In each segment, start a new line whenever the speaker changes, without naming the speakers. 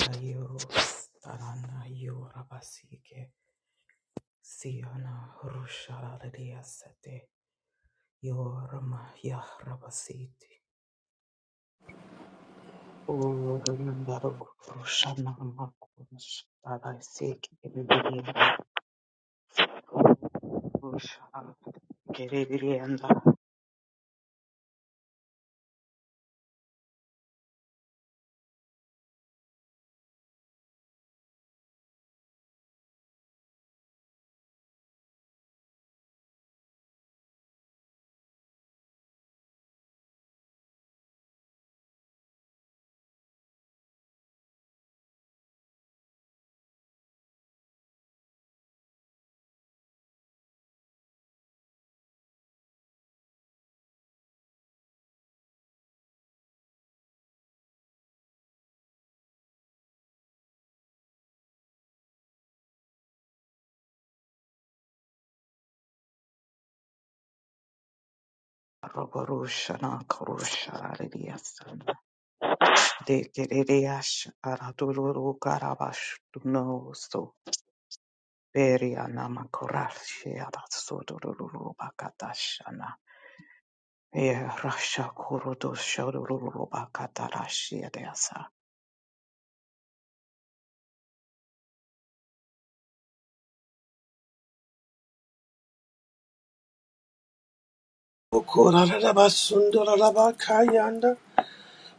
Ayurus Tarana Yorabasike Siana Rusharadiya Sete Yorama Yahrabasiti O Nandaro Rushana Makunus Tadaisik Rusha Geririanda Roborushana Kurusharadiya De Geridiash Araduru Karabash Duno Beriana makorashia batsodororo bakatashana. E rasha kurudo shodororo bakatarashia deasa.
Okora raba sundora raba kayanda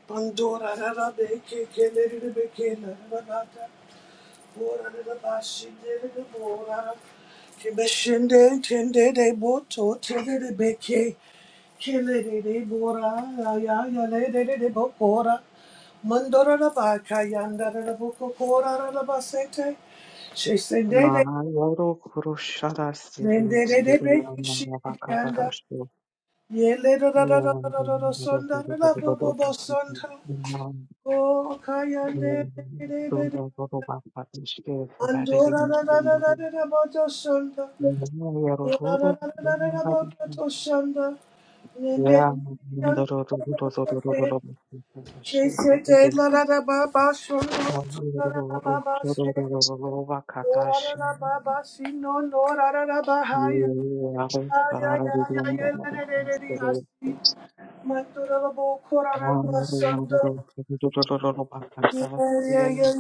pandora beke, beke, keleri beke, bora de boto tende de beke keleri de bora ya ya le de de ke beshinde, boto, bokora, mandora Okorarabasundorabakayanda, Pandorarabekekelerabakela, Orarabashidebora, Kebeshende, Tendedeboto, Tendedebeke, Kelerebora, de, Mandorarabakayanda, de
Ma
Shesendede,
yoro kurushara sibi
Nendedebeke,
siriana
Shidiyanda,
bakatarashu.
Yele da da da da da da da da sonda da da bo bo bo sonda. Oh, kayande de de de de. Andora da da da da da da da bo to sonda. Oh, da da da da da da bo to to sonda. Yende de
Yeah,
de de de de de. She said, "La da da ba ba, sonda, la da la, ba ba, she, oh da la ba ba, she, no no, la la la, ba ha." Pandere
Roshoro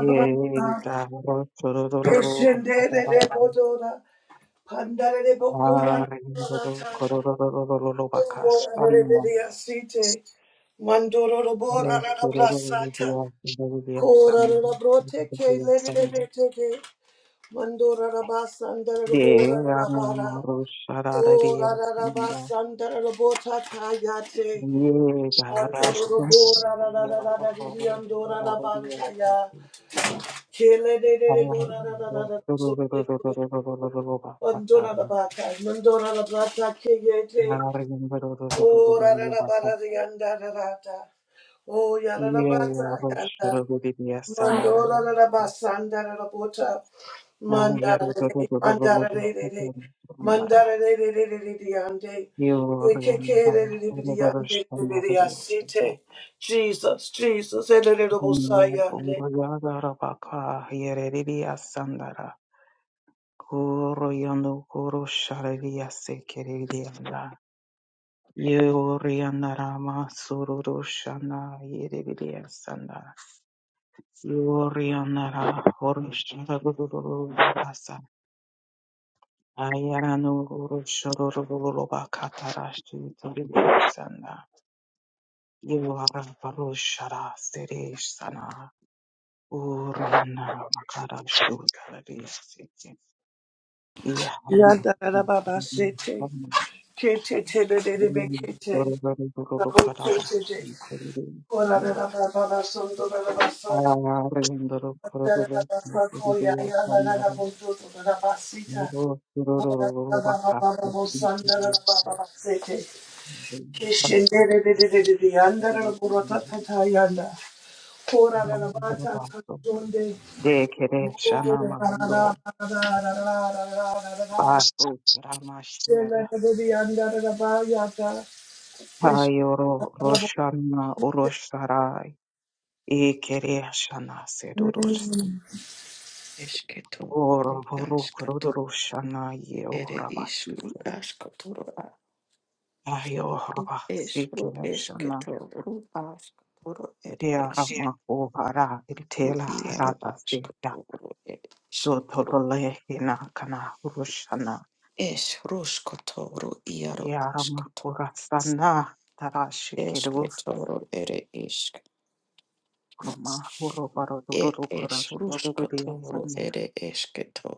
Yay, God. Kororororo, bakabara,
de bokora
kororororo, kororororo, bakashana.
Sete Mandoro Bora
Kororororo,
Brasata
dia kororororo, dia
Kora
sana,
Brote
dia
K
diya,
Lady
sana.
Bete Mandora Rabasandra
Yay,
Bora
ana,
Rabara
maro, sharara, dia
Ora
sana.
Rabasandra Bota Kayate
Yay, God, rashto,
Mandoro Bora
diya,
Rada
kororororo,
Riandora
sharara, diya,
Rabantaya
sana.
Kele de
Ah,
Bora Rada Sote
kororororo,
Mandora
bakatara.
Rabata Mandora Rabata Kayete
Ah,
Ora
kororororo, bakatara.
Rabara Rianda Rata Oh,
Yeah,
Yarabasa,
rosh
Yanda, Mandora, Rabasanda, Rabota, Mandara, Mandara, Mandara, Yande, Yande, Jesus, Jesus, Elebosa, Yande,
Yorianara, Horish, Rabbi, Rabbi, Rabbi, Ayarano Shororo Bakatarashi Toribusana Yuara Parushara Sere Sana Urana Makara Shutari Siti Yaharana
Yanda, Rababa, Sete, Kete, Tede, Kete,
Dororo Karabashi
Rabote, Ora,
Toribusana
Rababa, Sondora,
Ayarindoro Kororo
Keshe
Siti Toribusana Bakatarashi Dekere shanama yo baso rama shira hayoro roshana urosharai ekere shana sedurosam
Esketo,
oro boru
rudaskato,
kururu shana ye
ere ish,
ohrabasike
rudaskatoro, a,
ayo
ish,
ohrabasike
ru,
shana
esketo, rudaskatoro, ed
Te
ish,
tearama ohara
ru,
iritela
iaro,
harata seta
askatoro, ed ish, ru,
yotolole hina kana urushana
ish, ruskatoro, iaro, askato,
Yaramakurasana Tarashikiru
esketoro, ere ish,
Roma
ed
Urobaroduru
ish, ruskatoro,
Kurashana
ere esketo,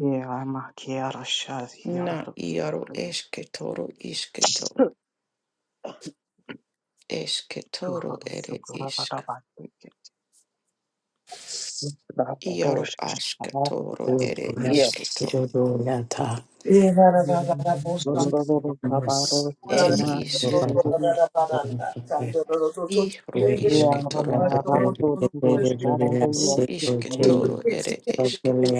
Yaramakiarashas
na,
Yarutos
iaro, esketoro, isketo, esketoro, ere isk
Sukurabati
Iaro
Rabaroshan
asketoro ere
Yes.
Yeah.
isketo. Ed
Mandara
Kabarosana
isk. iru ru isketoro a. Ru
Yaramarakurusharaya
isketoro ere esketo.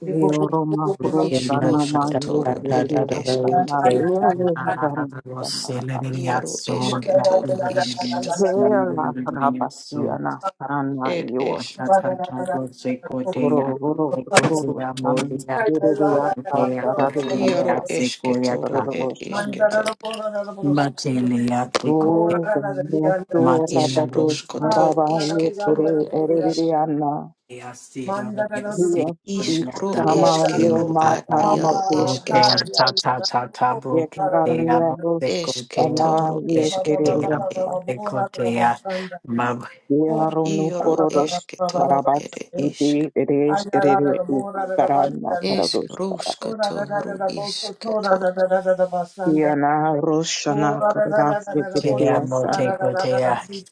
Leoroma
Is
Rosana Mayo
roskotoro ere
Kuria
esketo.
Sana Lele Rabanistana
Iaro esketoro isketo.
Vela Rabasiana Sana
Ed
Yor
es.
Matea,
Uro Uro Kuru San Yuria Sarari
Iaro
Andara
esketoro ed
Kuru Sanra
isketo.
O Gamrasu
Is
Rabatu
roskoto
Sarabaya
isketoro
Kure
ere is.
Eririana Hiya
Is ru
Ishrama
eskero
Yoma
ad
Ah,
iaro
Tarama
esketo.
hi, yeah, yeah. Oh, da, da, da.
Yekirandiyaros, ana
Oh,
Esketoro
da, da, da,
isketoro
da, da, da,
yekeriyasta,
da, da. Oh,
yaronu
da, da, da,
Iaro
da, da, da.
korodos,
Oh, da, da,
esketoro
da, da, da, da, da,
karabas,
ere
da, da.
iti
isk.
eres
Ah, yeah, da,
erere
da,
karana
da.
Esk
karados,
Oh, da, da,
ruskoto
da, da,
ru
da, da. Oh, da, da, da, da, da. Oh, so, so, da,
isketo.
da, da, da, da, da, da, da.
yana roshana
Oh, da, da, da,
karadas
da, da, da, da. Oh, so, so, da,
yekeriyasan,
motea,
da, da, da, da, da.
cotea,
See,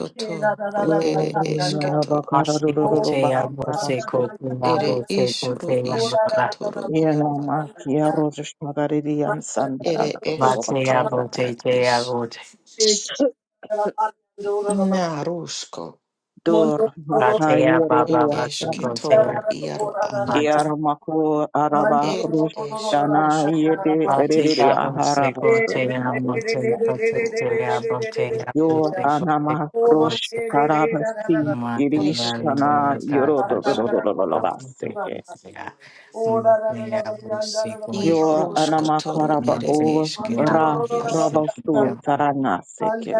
see, da, da, da,
ru
da, da,
ere
da, da,
yoruna
da.
esketo.
Oh, da,
bakararururu
da,
Asikotea
da, da,
bote
bakarasu,
da,
kotea
da, da,
Ere
da.
bote
is ru
kotea
Oh, da,
baba.
iskatoro
yana
iaro a.
makia rozos pagaridiyan
da,
Ere
sandarala
da, da,
Batea
da.
esketoro
tobabakasa,
bote
ad
tea
is.
bote.
Mandoro
Na rusko.
dur
Batea
Ed
baba bate
makayeriyasan,
esketoro
kotea.
iaro a.
Mate.
Yaramako Araba
Et es
Rushdana
rusko
Yete
rubi.
Erere
Batea bote
Aharabasu
kotea bote
I I ru
kotea
askatoro
botea
ere
Yo
bote
eske.
kotea
Anama Rosh
bote.
Karabasi
Mate ya
Esketoro
Irishtana
linga
ere
tata
Yoroto
baba
iske.
bote
Baseke
kotea. Matea bote kotea. Mate
I
Yo
rosko
Anama
toro
Karaba
ere
O
eske
ya
toro
Ra
iaroa.
bote
Rabasu
kotea
Tarana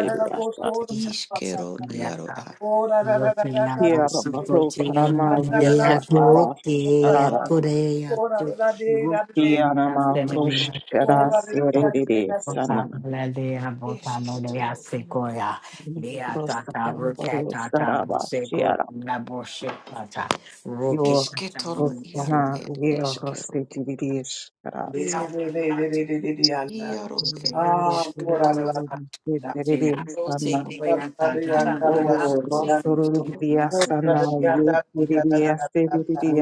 Rocky
Iskero iaroa.
Oh, da da da da da da.
Here
Say,
Baru
da
Karama
da da da da
Yete Arash
da
Arara
da. Oh, da da. Oh, da da da da da da.
Yanama Rosh
Oh, da da
Karasi
da da da da.
Erere
Eske toro iaroa. Eske toro iaro ed eskero ed
Roda
Yeah, yeah, yeah, yeah, yeah, yeah, yeah, yeah, yeah.
iaro ed
Ah,
iske
oh, da da
toro.
da da da. Oh,
Ed
da da da yeah, da da da
esko
da.
toro
Oh, da da yeah, da da da da da da da.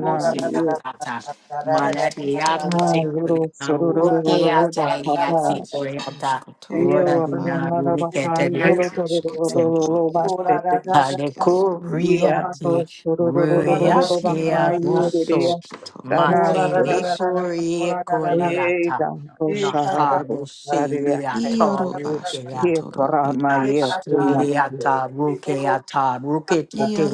Oh, da da da da da da da da da da
eske
da
toro
da da.
iaro
Oh, da da da
iaro.
da da da da da.
Iskrosko toro na
de
a
na wicked
ed eske
Say,
toro ed
Ora
ed
da da da da
iskero.
Aleko
sura
Yeah,
riati
those little little
da da ora da
little
da
little
riati
Eskero
da da
behind
da
ere
avuso
the
eske toro
mora da da
Tanasuri.
matele
da da da
kori
mora da da da da
Yeah,
koleata
down
e ka
Roshara
ka
natabo
Bosaradia.
ora
Iaro
da da da da
seliata
Here
asketoro
for
ere
my
e
year,
ka
esk.
whom
ka
much
da
Nakatiliata,
da boro
Rukeata,
da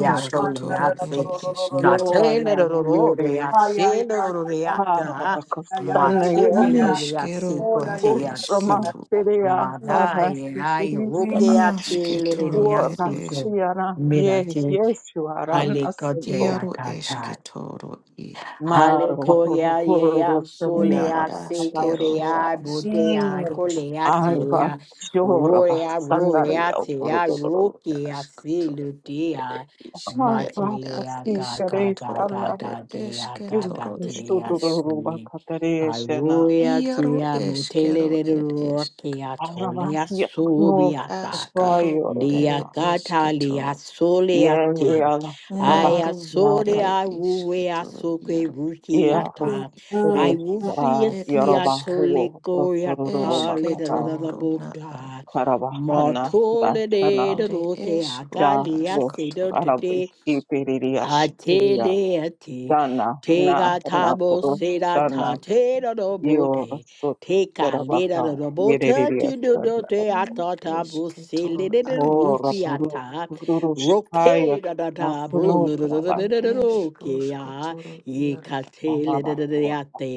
you are
man da da da da
Leaxi,
ere
da da da
esketo.
da ro
my
Natelero,
year.
ay ay ay ay
Reacelo,
ay
Reaca,
ay ay
Harabakostana, you
ay ay ay
Neskero
Mateliasico,
ora
ad
da da
Teasi,
Ustroma
da da
esketo.
Syria,
da
Madai,
Sarasti
I,
mm
Sirisana,
Rukeati,
Nasketoro
War
ere esk.
Leasico,
Rastiana, ye,
Mirati,
yes, you are an assail.
Iaro
Halicoteacata.
esketoro i.
Marva,
Hallelujah, yeah,
Na
solea,
askero
Horosania,
secorea, bodea,
mm
isketoro
I was
coleatea,
sure about
roea,
Sanari
ad
roeatea,
Oporogoro.
esko
roquea,
askotoro ere
silutea,
I
iskero
was
ad
matilea,
a
gaga,
iskotoro
gaga,
Teresa,
ere
gagea,
you
esketoro ere
gagatea,
isk.
Shuturuba
si.
Caterina.
Aroea,
Iaro
tea,
eskero
motele,
ere esk.
roquea,
I was
tolea,
Yaknos
subiata,
Ashkaru
lea,
ere
Priorina.
gata, lea,
esketo.
soleate.
Yerial
Aya
Naru
sore
Tabasnaka,
ere
a wuwe a
isketo
soke
yaro.
ruki
Yeros
mm
ata. I will
mm
see a
Teresa,
Ed esk.
Yoroba
siatole
Hu,
koya
Rosuruba
kale da da
Kata,
da da
Esketoro na a.
bota.
Karabahana,
Martole de
Bashana,
da
Ere
roke a
esru
Da
kale a
Rosh,
se do
ashkatoro
Arabic,
es.
Ipiriash,
Atele ate,
Dana, na,
tega
na,
tabo
purush,
seda ta
dana,
Esketoro
te
ed
da do
yo,
isk.
bote,
so,
teka leda da
terabaka,
do bote,
yeririas,
tu do do
dana,
te ata tabo se
Esketoro
lede de
are
mora,
rufi
isk.
purush,
ata,
purush,
roke
hayak,
da da da, blu
asunu,
da da da da
Ere
da da
krabasi,
da
esru
roke ya,
skotoro
ye
yaro.
ka te lede
marabako.
da da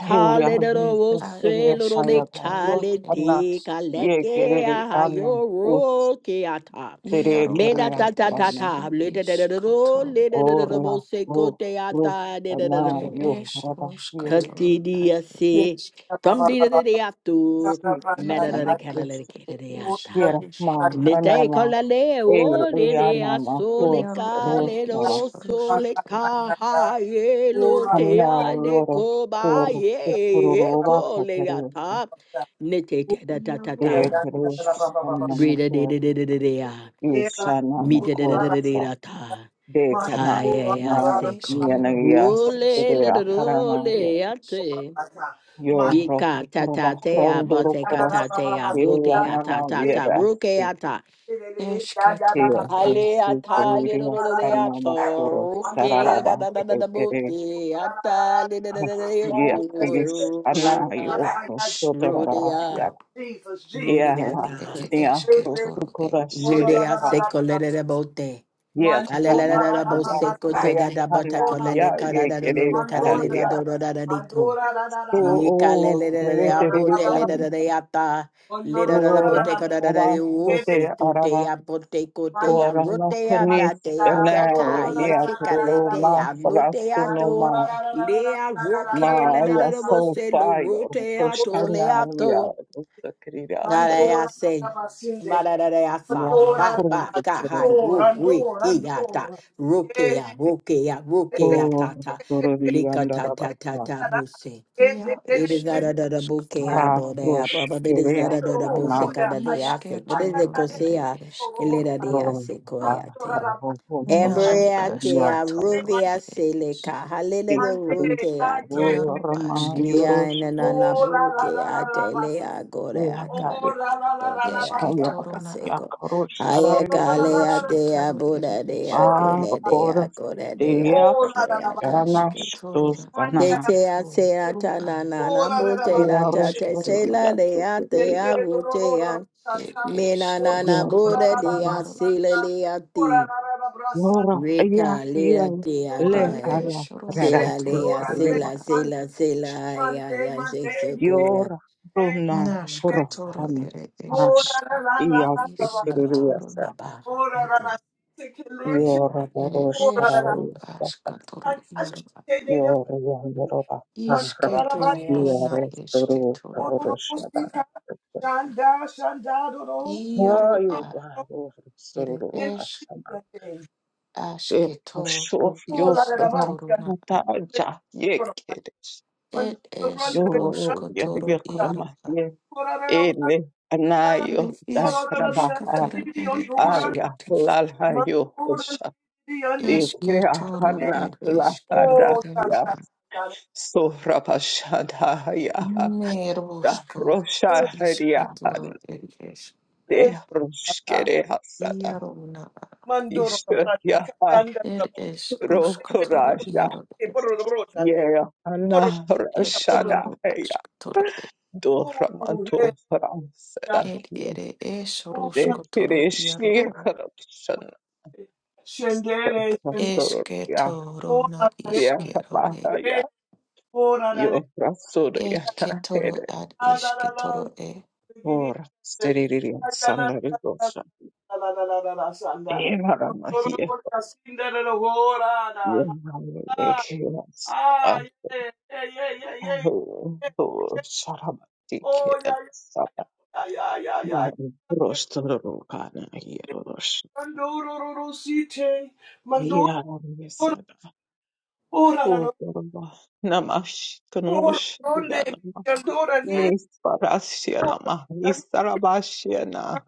Hey, we are
de
being
Ed
robo
a
se
sustained
loro
by
de
the
esketoro
rosh,
kale
ed
anna,
de
isk.
ye,
kaleke
keriri,
aha
anna,
yo
ut,
ro ke ata.
tere,
Yaro
Me da ta
kerias,
are
ta ta
anna,
ta
esru
le de de de ro
iskotoro.
le de de de de
oria,
se ko
ru,
te
ru,
ata de de de de
anna,
Ere
boke.
yo,
ke.
esh
krabasi,
rosh
yeri,
Tati
katoro
di
ad
a se.
esh.
Tam di de de de atu.
si,
Me da da de
mm
Iaro
kala
ad
anna,
le de ke de
ere
de
Oh,
esh
ata.
bless you,
Yera
rosh
ma
Savior.
katoro ad.
Lete
anana
kalale
e
o
e
le le a
anana
sole
kos
Iaro
ka
ere
le lo
rostara
ish
lo
rosh
sole
katoro
ka
ad.
ha ye lo te
hamna
a de
loro
ko ba
kur
ye ye
kuspururo
ko
vaka
le a
teresa
ta ne te te da ta ta
Iaro
ta
e
ere
teres
ish ish
anana
re da
ko
de de de de de de a
ishana
mi
na
te de de de de de
korsa
da ta
de
ha
tana
ye
na
a se ko
yana
Eshkero ed
o
yas
esh
le
de
le do
runa
do
akarana ya
ere
le a
ish.
te
yo
Ni ka
rosto
ta ta
proba
te a ba
fronduro
te ka ta
koros
te a bu
ire
te a ta
anana
ta ta
yera
ru ke a ta
Tia,
Eshketoro ed
Hale
si,
atali ro
ria,
ro ro de
sanna,
ato
mokuro,
ke da
sararaba,
da da da da bo ke atali da da da da yo tu
Yeah,
ro
please.
sh.
Ana
ya
yo so
Sh.
shodara
Rudia,
ya
Jesus, Jesus.
ya
Rudia,
Ru
la
God.
ete
nia to
eshketoro ed
sukura
ish.
Mandora,
shere
Rudia,
ha
seco, le de bote.
ya trana
Alelada, bo
ya
Ere
seco, te da
ria
da bota,
hana
colele,
ya ye
carada, no,
kere
no, carale, da
araria
do, da da dico.
to
Yika lele
o
de de
rele tere
abote lele de
rian
de ata lele de de
ora
bote kada de de
aba so te
ufi kute
araba
ya bote kute ya
ora na
rote ya
kunis
date ya
na
deka
nia
yesi
trolo
lete
ma
ya lote
frastu
ya
no ma
to le ya roke le
ma
de de
ya
de
so
bose lo
fire
rote
so
ya to le
shana
ya to
ya
ngara
so
ya se
Basinde,
mara de de asa
Yeah,
Mandora,
ta
praise
ba ka
the
Rando,
hai
Lord. God.
wo
Rando,
wi ki ya ta
Rando.
roke ya roke ya
Oh
roke ya
Oh,
ta ta
sorry, we
lika
under
ta
the bus.
ta ta ta bose
Ia
it is
esh
not a
ru
da
ash
buke
katoro
Ah,
abo de
ish.
abo,
gosh,
but it is not
yeah,
a da
Anna,
buse kada de ase. But it is
Ishketoro ere
kosea
eshkero
elera de
Lord,
ase
ah,
koyate.
oh, gosh,
Naru
Embreate
yeah,
a
sorry,
ashkatoro
ruvia
ere
seleca, halele de
sorry,
rukeate.
iaru
oh, Rama,
ashketoro.
Via in
Yorosh,
an
yeah,
la la
anabuke
la la la
ate
bas.
lea gore a
yeah,
Oh
cara.
la la la la la
Bodea
bas.
Eshketoro
baba
na
yeah,
a
seco.
gosh,
Oh la
sorry,
la
Ayakale
la
a
la la la.
dea
yaroshkatoro ere
boda
eshk.
dea
ah,
gore
or,
dea gore
yeah,
Oh, la la la
dea
ba.
gore
Anna,
dea
Ashketoro na
Manda
Te
Stosana,
la
te a
ishketoro.
te
ba.
a
Ru
ta na
a
na na
Oh, la
bo
la
ru
la
te
ba.
ere
na
yeah,
ta te se
sorry,
eshketoro.
la
yeah,
le a
sorry,
te a
Sende
yeah,
bo
ro ro
te
ro
a
ro ba
E
ta.
me na
esh
na
Oto
na
yeah,
bo
ro la
de
la
roshkotoro
la
de
ba
sorry.
a
iaru
se le
santa.
eshk.
le a ti
Ora la la la la bra sante.
Yora,
re ka
yeah,
le a
yeah,
te a
le
de
Ere
Dorande.
ara
esh
se
Say
la
raratsu,
le
roshkotoro
a se
dorande.
iaru
rila,
la se
Mande
la se la
ashk.
ai
mande
ai ai se
mande
se
ye
ko
ye
ya
yora,
ye.
runa,
ai ko
Nashkatoro
ba
furofam,
ba
ere
Mora
arash,
la
eshketoro.
la la la
Ru
iya,
la la ba.
ba ba
ishkatoro na
fikiririyasa,
ba ba
a.
ba ba
Ora la la.
ba ba ba
la, Take a look.
ba
yora,
Ere
barosh,
ba ba
Ora la
esh
la.
ru
tarariyasa,
ashkatoro iaru
Akashi
yora, yandoroba, ara,
Bandarabara,
ba
Ishketoro
iya,
ba
na
rosturu,
ishketoro.
karorush,
Ororosita,
yadarasa,
Shanda, Shanda, Doro, Doro,
Iaro
Doro,
Vayu
a.
garo
Ere
sororo
esh
kasama.
Doro,
Ema shof
ashketoro
yo
Ola de la
rana
ishketoro
Batia,
na a.
mata ja yekeres.
Et
Bandura
esh
Branda, Shanda,
Yo
roshkotoro
yo
iaro a.
yo
Corabella Branda,
Ene
Ere
anayo da
ish
Corabella Branda,
rabaha
rushkotoro
Dividion,
ere
Duran,
aya
eshketoro.
lalayo
Manduran,
kosa
Dividion,
de
Dividion,
krea
Eshketoro
hana
ere eshkero
Oh,
lahada
iaro
ya
Sasha,
a.
Shanda,
sorabashada ya da
Neroshko
Oh,
rosha haria
ishketoro ere esh.
Eh,
de
Sasha,
roshkere hasada
Iaro na a.
Mandoro,
ishte
Branda,
ya
Shanda,
Ere esh roshkotoro
rosoraja
iaro e.
Corabella,
ye hana
Et
Corabella,
rashada
iaro
ya
ashketoro
do ramanto
Oh,
fransada
El
ye
ere es
Shendere,
rusco
de
toro iaro
fireshi
ad.
shendere,
Eske
Rasur
que
ya
toro
ora
na
la re,
ya
iskero e.
maha ya
re, ora re,
yo rasur ya
Eske que toro
nakere
ad
la la
iske
la
toro
la,
e.
giri,
ora steriri
la la la la
sanari gosa
la la la la sanda.
evara mahi
Ora ora sindere lo ora
yo
na.
mahi
Ah,
ekiras
ah, yeah, yeah, yeah, yeah, yeah,
ahu
yeah.
sarabati
Oh,
kere
yeah,
saba
yeah, yeah, yeah, yeah. yeah.
Numai rostorul kana ierosh.
Mandoro ro ro site, mandoro
Iar
ora
mesada.
ora
Uberba. Namash
ora
kanush. Yanama.
ora. onde, Oh,
Nisparashia nama. Nistarabashia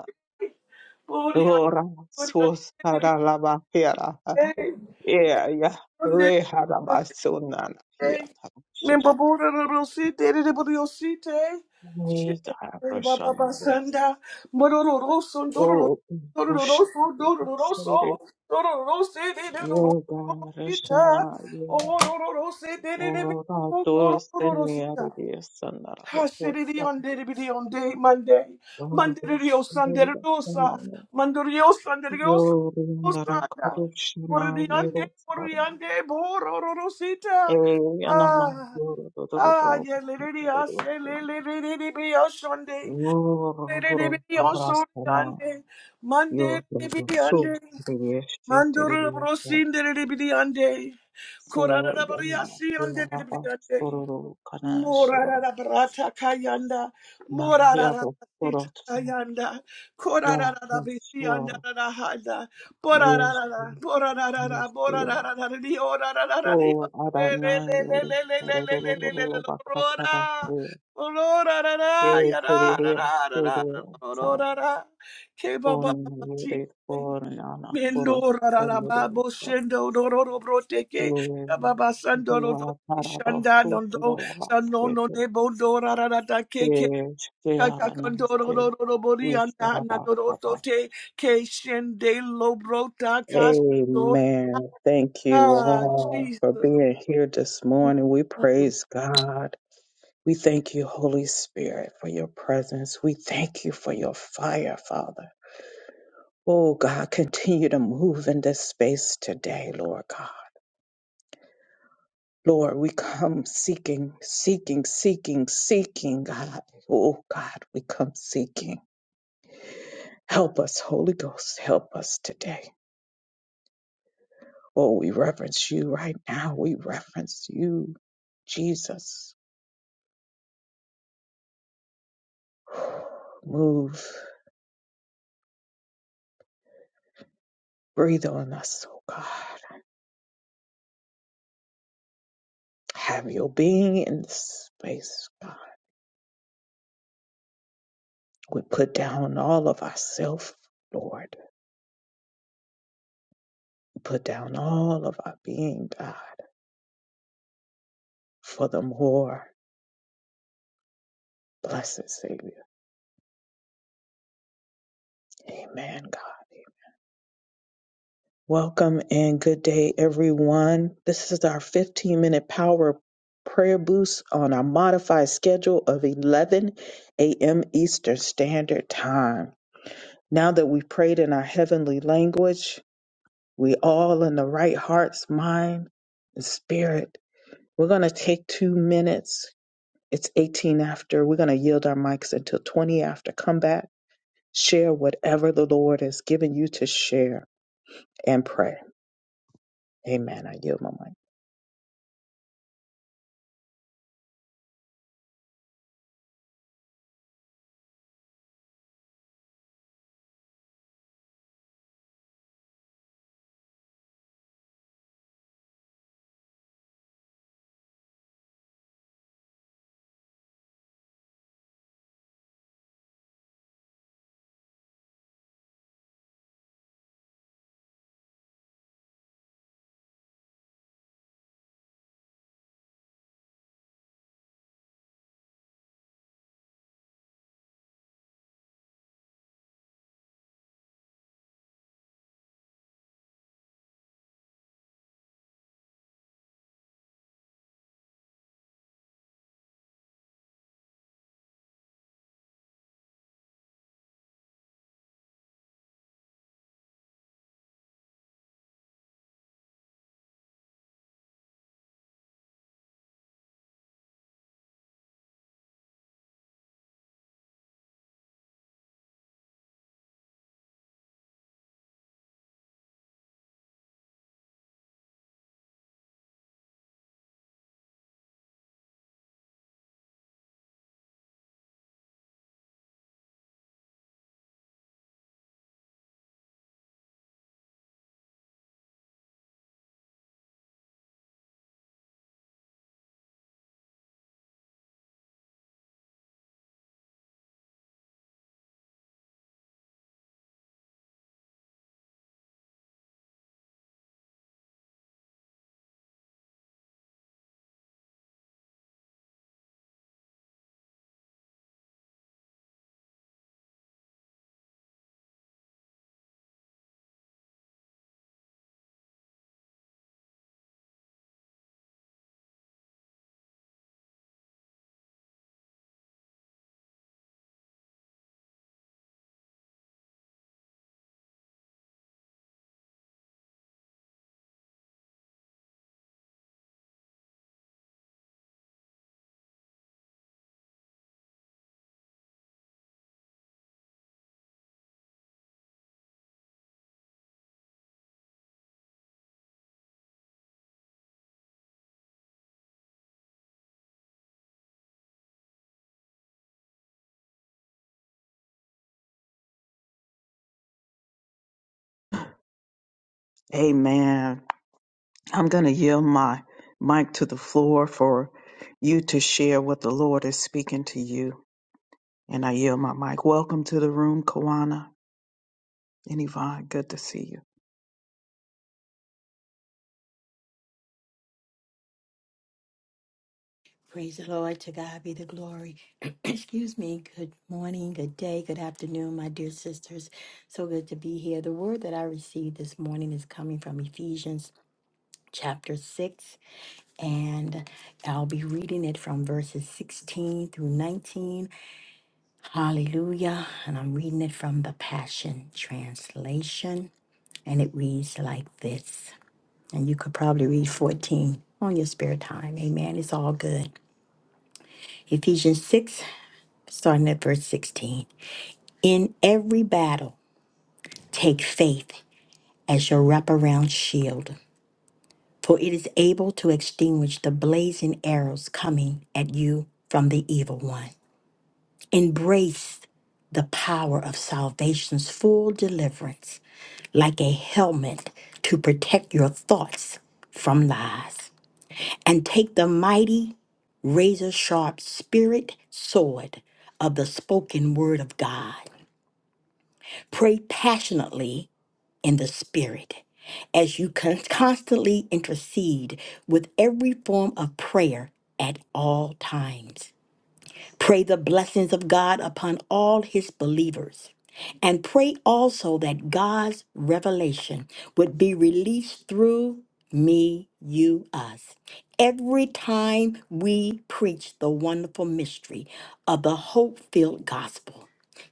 Lora sus haralabakera. Yeah, yeah. Re harabasunana. Yeah, shut up. Me garabashanabot. Oh, bush. Yogarashana. Ora toros teniari sanarabakota.
Hashiriri-on-diribiri-on-day, Monday.
Ora bush.
Mandiririosandiririosa. Mandoriosandiririosa.
Yo,
Osanda.
Narakurushana,
Oririande,
Yerusana.
oririande,
Ey,
borororosita.
anama
Ah, ah,
Eyanama yorororororo
yeliririase, liliriribiosonde.
rorororo rasana
Liriribiosoriande.
yorororo so
Mandiribiande.
teriyeshe teriyeshe
Mandorobrosindiriribiande.
so yanama yoraba
Korarabariasiandiribiande.
sororo kanashira
Morarara brata kayanda,
ma
morarara
yaro
sita
sorotso
kayanda,
ya
korarara bisianda
yasor
rara handa,
yeshe
borarara, borarara,
hanashir
borarara, di
o
orarara di
arana yoro sororororo bakatara
Aurora,
se
Aurora, yara,
teriyeshe
rara, rara,
teriyeshe Only born on a forest
Mendora
family
Rababo
of
Shendo Dororo Broteke Baba Sandoro
the parable
Shanda
food for
Nondo
Nana Kuros Samirosa.
Sanono
Dua
Nebo Dora Rada
Parabasu
Keke
Parabasket, Kearanase,
Kakakondoro Robori and
Isarabasabash.
Nanorote Ke Shende Lobrota Castro
Amen. Thank you
Ah
all for
Jesus
being here this morning. We
Mm.
praise God. We thank you, Holy Spirit, for your presence. We thank you for your fire, Father. Oh, God, continue to move in this space today, Lord God. Lord, we come seeking, seeking, seeking, seeking, God. Oh, God, we come seeking. Help us, Holy Ghost, help us today. Oh, we reverence you right now. We reverence you, Jesus. Move, breathe on us, oh God. Have your being in this space, God. We put down all of ourself, Lord. We put down all of our being, God, for the more blessed Savior. Amen, God. Welcome and good day, everyone. This is our 15 minute power prayer boost on our modified schedule of 11 a.m. Eastern Standard Time. Now that we prayed in our heavenly language, we all in the right hearts, mind, and spirit. We're going to take two minutes. It's 18 after. We're going to yield our mics until 20 after. Come back, share whatever the Lord has given you to share and pray. Amen. I yield my mic. Amen. I'm going to yield my mic to the floor for you to share what the Lord is speaking to you. And I yield my mic. Welcome to the room, Kawana and Yvonne. Good to see you.
Praise the Lord. To God be the glory. Excuse me. Good morning, good day, good afternoon, my dear sisters. So good to be here. The word that I received this morning is coming from Ephesians chapter 6, and I'll be reading it from verses 16 through 19. Hallelujah. And I'm reading it from the Passion Translation, and it reads like this. And you could probably read 14 on your spare time. Amen. It's all good. Ephesians 6 starting at verse 16. In every battle, take faith as your wraparound shield, for it is able to extinguish the blazing arrows coming at you from the evil one. Embrace the power of salvation's full deliverance like a helmet to protect your thoughts from lies. And take the mighty, razor sharp spirit sword of the spoken word of God. Pray passionately in the spirit as you constantly intercede with every form of prayer at all times. Pray the blessings of God upon all his believers. And pray also that God's revelation would be released through me, you, us. Every time we preach the wonderful mystery of the hope filled gospel.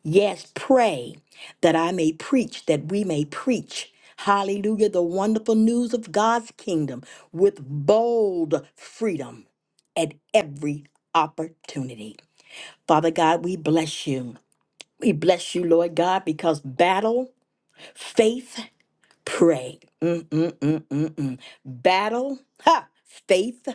Yes, pray that I may preach, that we may preach. Hallelujah, the wonderful news of God's kingdom with bold freedom at every opportunity. Father God, we bless you. We bless you, Lord God, because battle, faith, pray. Mm-mm-mm-mm-mm. Battle, ha, faith,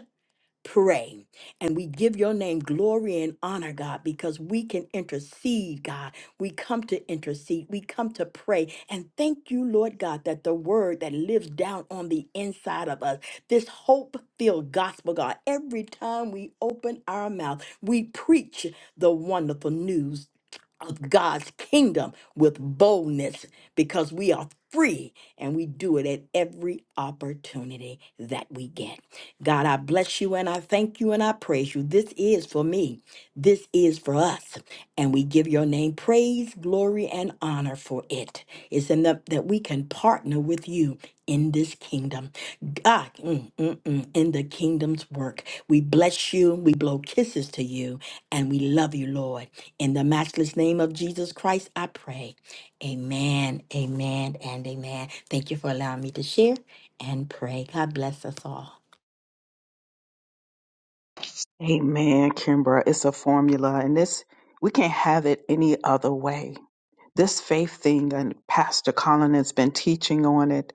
pray. And we give your name glory and honor, God, because we can intercede, God. We come to intercede, we come to pray. And thank you, Lord God, that the word that lives down on the inside of us, this hope filled gospel, God, every time we open our mouth, we preach the wonderful news of God's kingdom with boldness because we are free and we do it at every opportunity that we get. God, I bless you and I thank you and I praise you. This is for me. This is for us. And we give your name praise, glory, and honor for it. It's enough that we can partner with you in this kingdom. God, mm, mm, mm, in the kingdom's work. We bless you. We blow kisses to you. And we love you, Lord. In the matchless name of Jesus Christ, I pray. Amen, amen, and amen. Thank you for allowing me to share and pray. God bless us all.
Amen, Kimbra. It's a formula, and this we can't have it any other way. This faith thing, and Pastor Colin has been teaching on it,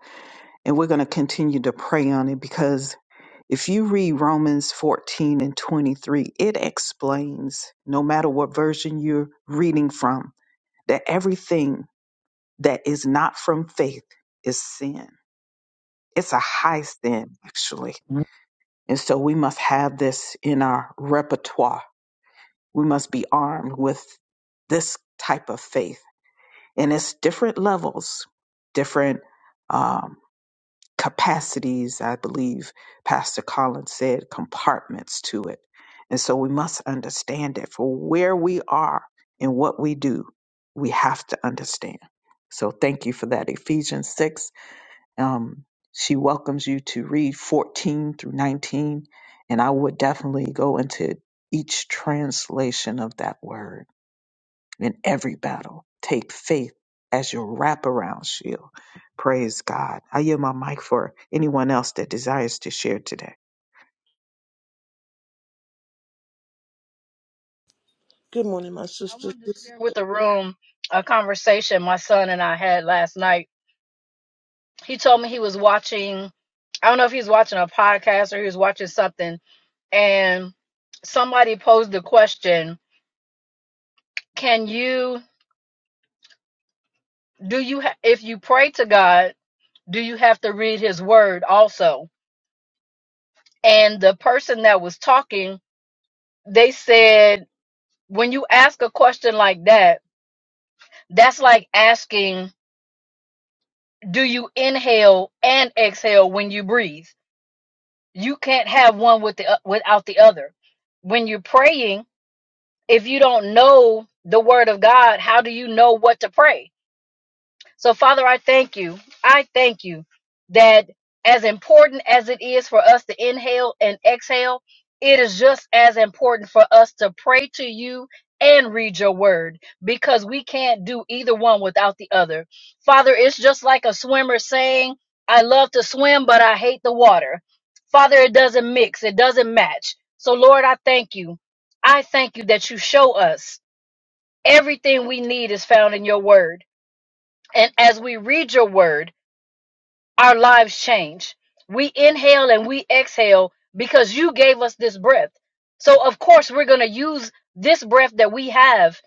and we're going to continue to pray on it because If you read Romans 14 and 23, it explains, no matter what version you're reading from, that everything that is not from faith is sin. It's a high sin, actually. And so we must have this in our repertoire. We must be armed with this type of faith. And it's different levels, different. um, capacities, I believe Pastor Collins said, compartments to it. And so we must understand that for where we are and what we do, we have to understand. So thank you for that. Ephesians 6, um, she welcomes you to read 14 through 19. And I would definitely go into each translation of that word in every battle. Take faith as your wraparound shield. Praise God. I yield my mic for anyone else that desires to share today.
Good morning, my
I
sisters.
wanted to share with the room a conversation my son and I had last night. He told me he was watching, I don't know if he was watching a podcast or he was watching something, and somebody posed the question, can you do you ha- if you pray to God, do you have to read his word also? And the person that was talking, they said when you ask a question like that, that's like asking, do you inhale and exhale when you breathe? You can't have one with the without the other. When you're praying, if you don't know the word of God, how do you know what to pray? So, Father, I thank you. I thank you that as important as it is for us to inhale and exhale, it is just as important for us to pray to you and read your word because we can't do either one without the other. Father, it's just like a swimmer saying, I love to swim, but I hate the water. Father, it doesn't mix, it doesn't match. So, Lord, I thank you. I thank you that you show us everything we need is found in your word. And as we read your word, our lives change. We inhale and we exhale because you gave us this breath. So, of course, we're going to use this breath that we have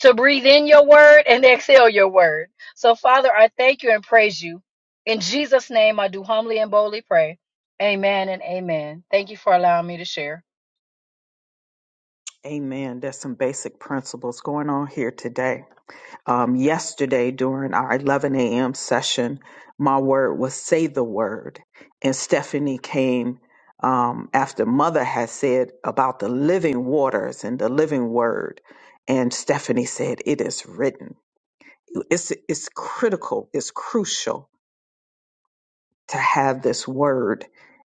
to breathe in your word and exhale your word. So, Father, I thank you and praise you. In Jesus' name, I do humbly and boldly pray. Amen and amen. Thank you for allowing me to share.
Amen. There's some basic principles going on here today. Um, yesterday, during our 11 a.m. session, my word was say the word. And Stephanie came um, after Mother had said about the living waters and the living word. And Stephanie said, It is written. it's it's critical, it's crucial to have this word.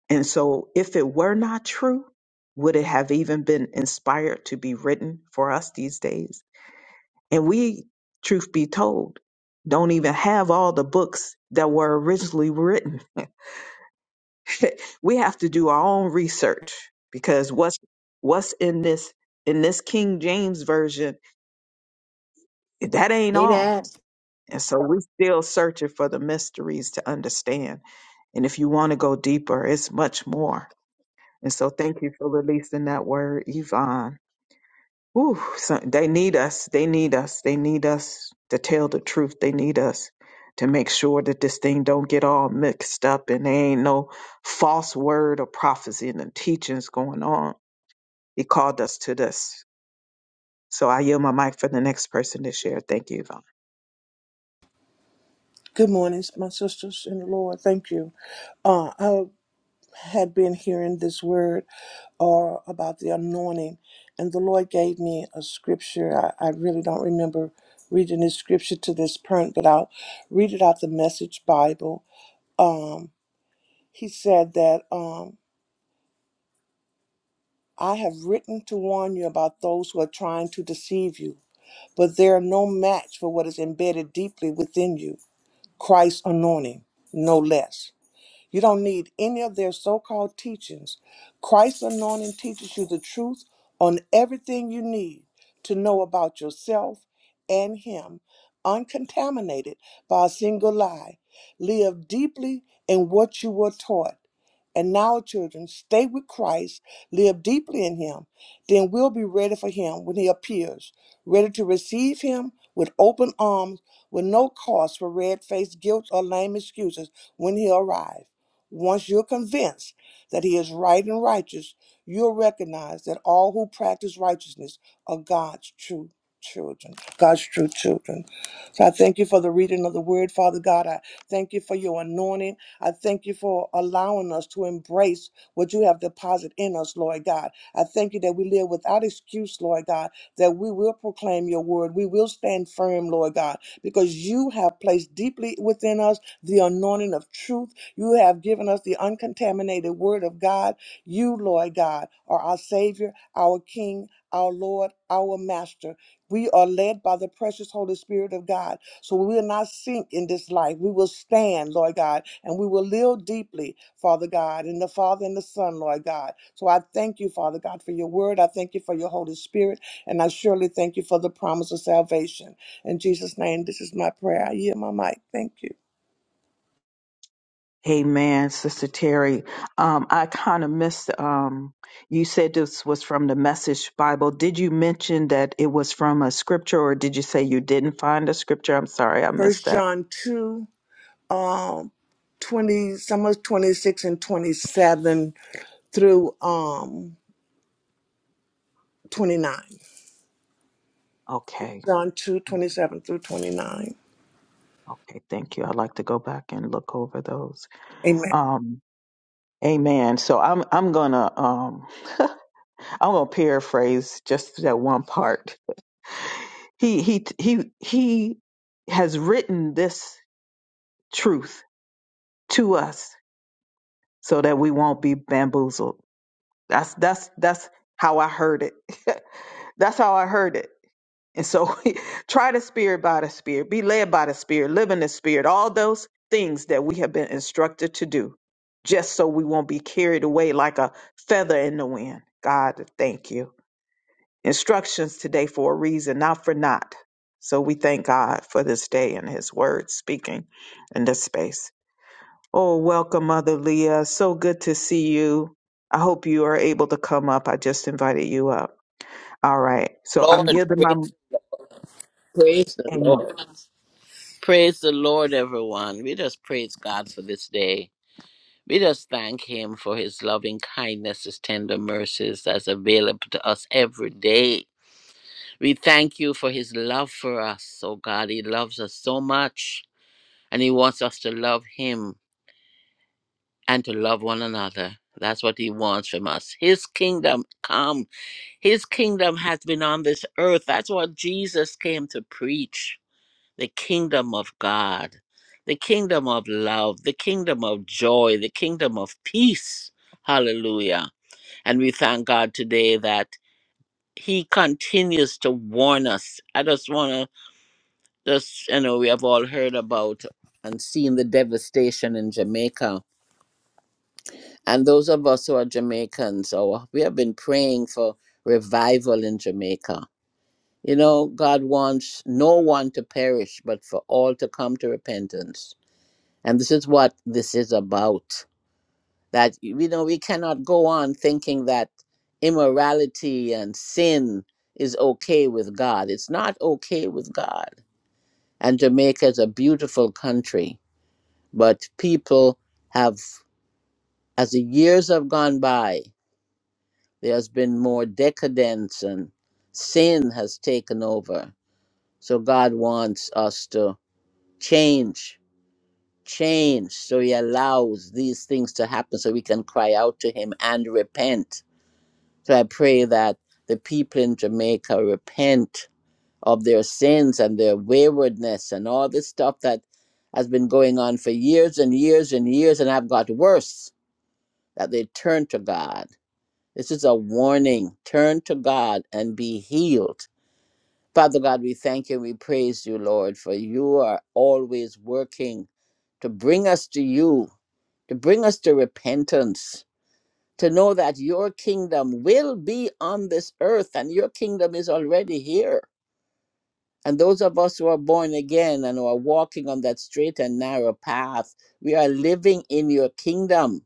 And so if it were not true, would it have even been inspired to be written for us these days? And we, truth be told, don't even have all the books that were originally written. we have to do our own research because what's what's in this in this King James version, that ain't
Say
all
that.
And so we're still searching for the mysteries to understand. And if you want to go deeper, it's much more. And so thank you for releasing that word, Yvonne. Ooh, so they need us. They need us. They need us to tell the truth. They need us to make sure that this thing don't get all mixed up and there ain't no false word or prophecy and teachings going on. He called us to this. So I yield my mic for the next person to share. Thank you, Yvonne.
Good morning, my sisters in the Lord. Thank you. had been hearing this word or about the anointing. And the Lord gave me a scripture. I, I really don't remember reading this scripture to this point, but I'll read it out the message Bible. Um, he said that um, I have written to warn you about those who are trying to deceive you, but they are no match for what is embedded deeply within you Christ's anointing, no less. You don't need any of their so called teachings. Christ's anointing teaches you the truth on everything you need to know about yourself and Him, uncontaminated by a single lie. Live deeply in what you were taught. And now, children, stay with Christ, live deeply him. Then we'll be ready for him when he appears, ready to receive him with open arms, with no cause for red faced guilt or lame excuses when he arrives. Once you're convinced that he is right and righteous, you'll recognize that all who practice righteousness are God's true children, God's true children. So I thank you for the reading of the word, Father God. I thank you for your anointing. I thank you for allowing us to embrace what you have deposited in us, Lord God. I thank you that we live without excuse, Lord God, that we will proclaim your word. We will stand firm, Lord God, because you have placed deeply within us the anointing of truth. You have given us the uncontaminated word of God. You, Lord God, are our Savior, our King, our Lord, our Master. We are led by the precious Holy Spirit of God. So we will not sink in this life. We will stand, Lord God, and we will live deeply, Father God, in the Father and the Son, Lord God. So I thank you, Father God, for your word. I thank you for your Holy Spirit, and I surely thank you for the promise of salvation. In Jesus' name, this is my prayer. I yield my mic. Thank you.
Amen, Sister Terry. Um, I kind of missed. Um, you said this was from the Message Bible. Did you mention that it was from a scripture, or did you say you didn't find a scripture? I'm sorry, I missed
First
that.
John 2, um, 20, some of 26 and 27 through um 29.
Okay,
John 2, 27 through 29.
okay, thank you. I'd like to go back and look over those.
Amen.
Um, amen. So I'm I'm gonna um I'm gonna paraphrase just that one part. He he he he has written this truth to us so that we won't be bamboozled. That's that's that's how I heard it. that's how I heard it. And so try the spirit by the spirit, be led by the spirit, live in the spirit, all those things that we have been instructed to do, just so we won't be carried away like a feather in the wind. God, thank you. instructions today for a reason, not for naught. So we thank God for this day and His word speaking in this space. Oh, welcome, Mother Leah. So good to see you. I hope you are able to come up. I just invited you up. All right. So
Lord,
I'm yielding my
praise, praise the
amen.
Lord. Praise the Lord, everyone. We just praise God for this day. We just thank Him for His loving kindness, His tender mercies that's available to us every day. We thank you for His love for us. Oh God, He loves us so much and He wants us to love Him and to love one another. That's what He wants from us. His kingdom come. His kingdom has been on this earth. That's what Jesus came to preach. the kingdom of God, the kingdom of love, the kingdom of joy, the kingdom of peace. Hallelujah. And we thank God today that He continues to warn us. I just want to, just, you know, we have all heard about and seen the devastation in Jamaica. And those of us who are Jamaicans, or we have been praying for revival in Jamaica. You know, God wants no one to perish, but for all to come to repentance. And this is what this is about. That, you know, we cannot go on thinking that immorality and sin is okay with God. It's not okay with God. And Jamaica is a beautiful country, but people have, as the years have gone by, there's been more decadence and sin has taken over. So God wants us to change change. So he allows these things to happen so we can cry out to him and repent. So I pray that the people in Jamaica repent of their sins and their waywardness and all this stuff that has been going on for years and years and years and have got worse, that they turn to God. This is a warning. Turn to God and be healed. Father God, we thank you and we praise you, Lord, for you are always working to bring us to you to bring us to repentance, to know that your kingdom will be on this earth and your kingdom is already here. And those of us who are born again and who are walking on that straight and narrow path, we are living in your kingdom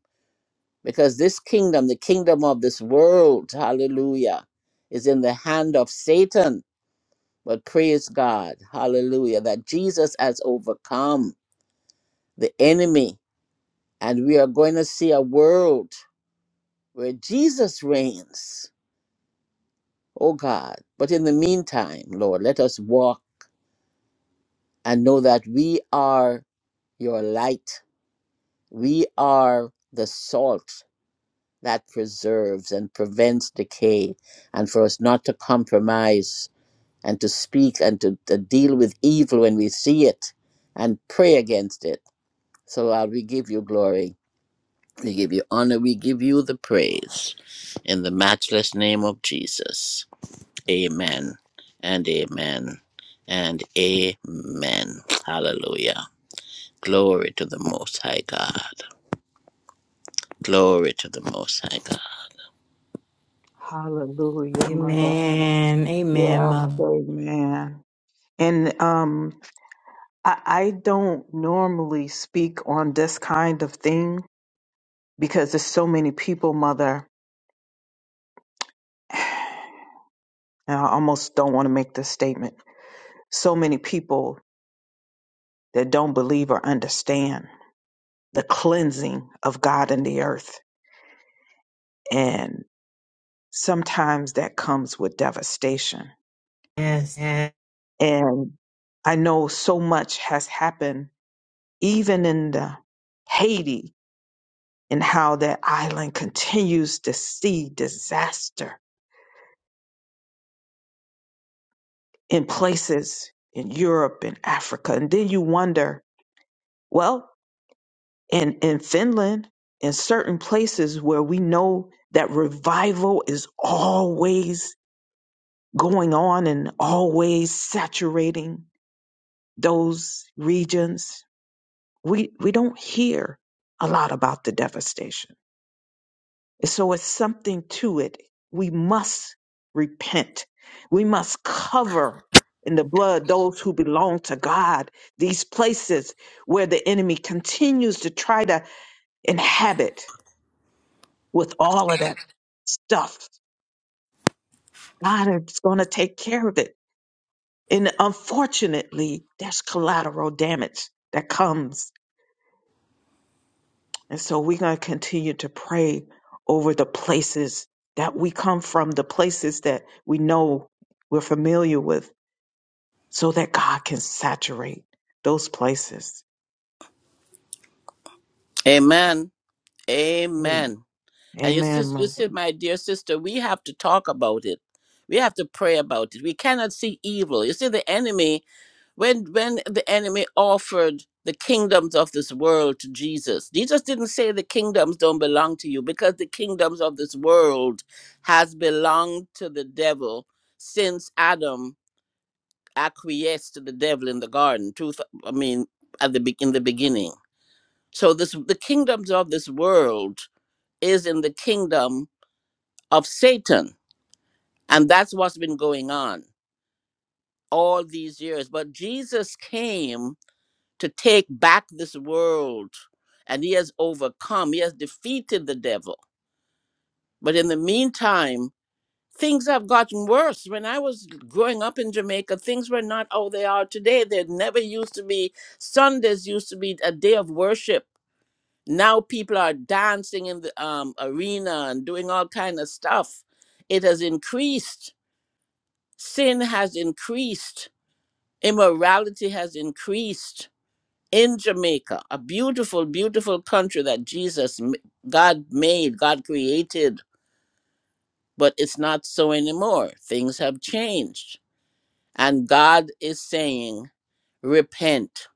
because this kingdom, the kingdom of this world, hallelujah, is in the hand of Satan. But praise God, hallelujah, that Jesus has overcome the enemy. And we are going to see a world. where Jesus reigns, oh God. But in the meantime, Lord, let us walk and know that we are your light. We are the salt that preserves and prevents decay, and for us not to compromise and to speak and to, to deal with evil when we see it and pray against it. So, Lord, we give you glory. We give you honor. We give you the praise. In the matchless name of Jesus. Amen and amen and amen. Hallelujah. Glory to the Most High God. Glory to the Most High God.
Hallelujah, Mother.
Amen. Amen,
Yeah,
Mother.
amen. And um, I, I don't normally speak on this kind of thing because there's so many people, Mother, and I almost don't want to make this statement. So many people that don't believe or understand the cleansing of God in the earth. And sometimes that comes with devastation.
Yes. yes.
And I know so much has happened, even in the Haiti and how that island continues to see disaster in places in Europe and Africa. And then you wonder, well, in, in Finland, in certain places where we know that revival is always going on and always saturating those regions, we, we don't hear a lot about the devastation. So it's something to it. We must repent. We must cover in the blood those who belong to God, these places where the enemy continues to try to inhabit with all of that stuff. God is going to take care of it. And unfortunately, there's collateral damage that comes And so we're going to continue to pray over the places that we come from, the places that we know we're familiar with, so that God can saturate those places.
Amen.
Amen.
Amen. And you,
Amen,
sis- you
Mother
see, my dear sister, we have to talk about it. We have to pray about it. We cannot see evil. You see, the enemy when when the enemy offered the kingdoms of this world to Jesus, Jesus didn't say the kingdoms don't belong to you because the kingdoms of this world has belonged to the devil since Adam acquiesced to the devil in the garden. Truth, I mean, at the be- in the beginning. So this the kingdoms of this world is in the kingdom of Satan, and that's what's been going on all these years. But Jesus came to take back this world. And he has overcome, he has defeated the devil. But in the meantime, things have gotten worse. When I was growing up in Jamaica, things were not how they are today. There never used to be, Sundays used to be a day of worship. Now people are dancing in the um, arena and doing all kind of stuff. It has increased. Sin has increased. Immorality has increased in Jamaica, a beautiful, beautiful country that Jesus, m- God made, God created, but it's not so anymore. Things have changed. And God is saying, repent.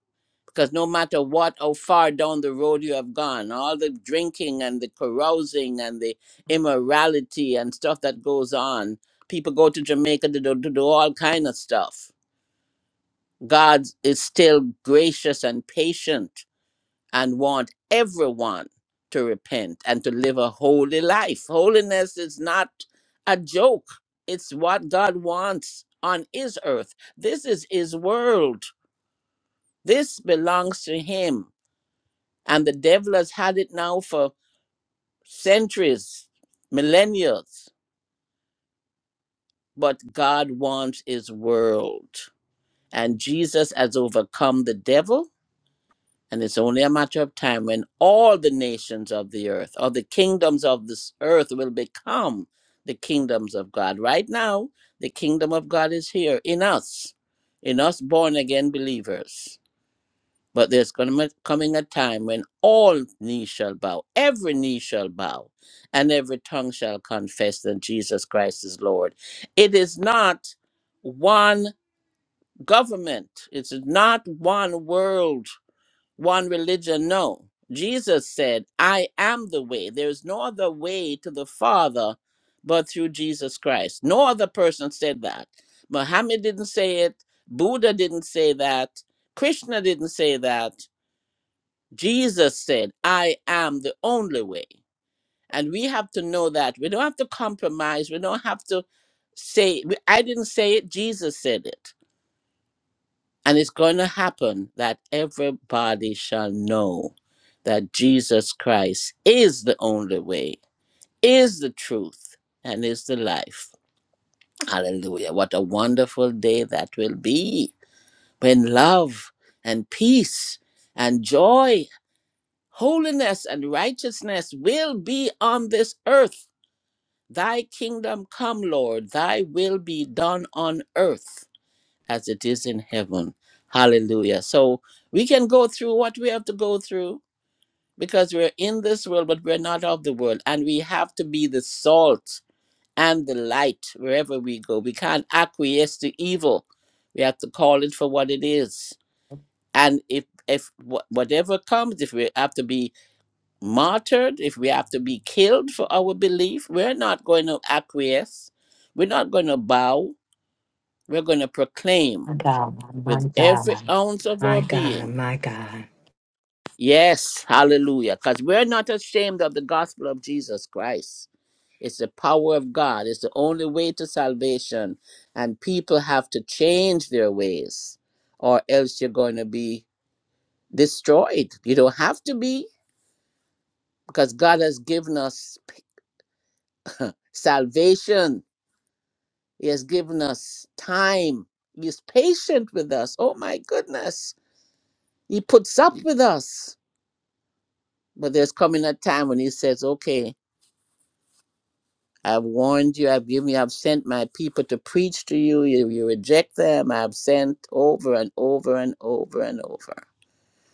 Because no matter what, how far down the road you have gone, all the drinking and the carousing and the immorality and stuff that goes on, people go to Jamaica to do, to do all kind of stuff. God is still gracious and patient and want everyone to repent and to live a holy life. Holiness is not a joke, it's what God wants on His earth. This is His world, this belongs to Him. And the devil has had it now for centuries, millennia. But God wants His world. And Jesus has overcome the devil And it's only a matter of time when all the nations of the earth, or the kingdoms of this earth, will become the kingdoms of God. Right now, the kingdom of God is here in us, in us born again believers. But there's going to coming a time when all knee shall bow, every knee shall bow, and every tongue shall confess that Jesus Christ is Lord. It is not one government. It's not one world one religion. No. Jesus said, I am the way. There is no other way to the Father but through Jesus Christ. No other person said that. Muhammad didn't say it. Buddha didn't say that. Krishna didn't say that. Jesus said, I am the only way. And we have to know that. We don't have to compromise. We don't have to say, I didn't say it. Jesus said it. And it's going to happen that everybody shall know that Jesus Christ is the only way, is the truth, and is the life. Hallelujah. What a wonderful day that will be when love and peace and joy, holiness and righteousness will be on this earth. Thy kingdom come, Lord, thy will be done on earth as it is in heaven. Hallelujah. So we can go through what we have to go through because we're in this world, but we're not of the world. And we have to be the salt and the light wherever we go. We can't acquiesce to evil. We have to call it for what it is. And if, if wha- whatever comes, if we have to be martyred, if we have to be killed for our belief, we're not going to acquiesce. We're not going to bow. We're going to proclaim
My God. My
with
God.
every ounce of
My
our
God.
being.
My God.
Yes, hallelujah. Because we're not ashamed of the gospel of Jesus Christ. It's the power of God, it's the only way to salvation. And people have to change their ways, or else you're going to be destroyed. You don't have to be, because God has given us p- salvation, He has given us time. He is patient with us. Oh my goodness. He puts up with us. But there's coming a time when he says, Okay, I've warned you, I've given you, I've sent my people to preach to you. You, you reject them. I've sent over and over and over and over.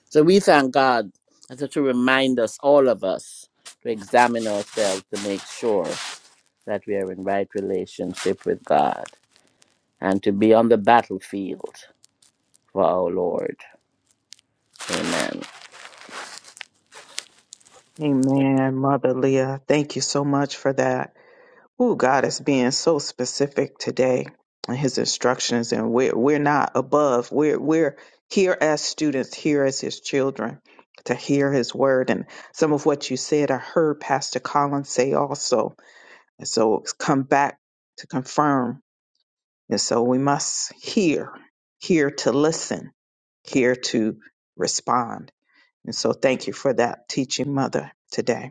So we thank God as to remind us, all of us, to examine ourselves to make sure that we are in right relationship with God and to be on the battlefield for our Lord. Amen.
Amen, Mother Leah. Thank you so much for that. Who God is being so specific today in his instructions and we're we're not above. We're we're here as students, here as his children to hear his word and some of what you said I heard Pastor Collins say also. And so it's come back to confirm. And so we must hear, here to listen, here to respond. And so thank you for that teaching mother today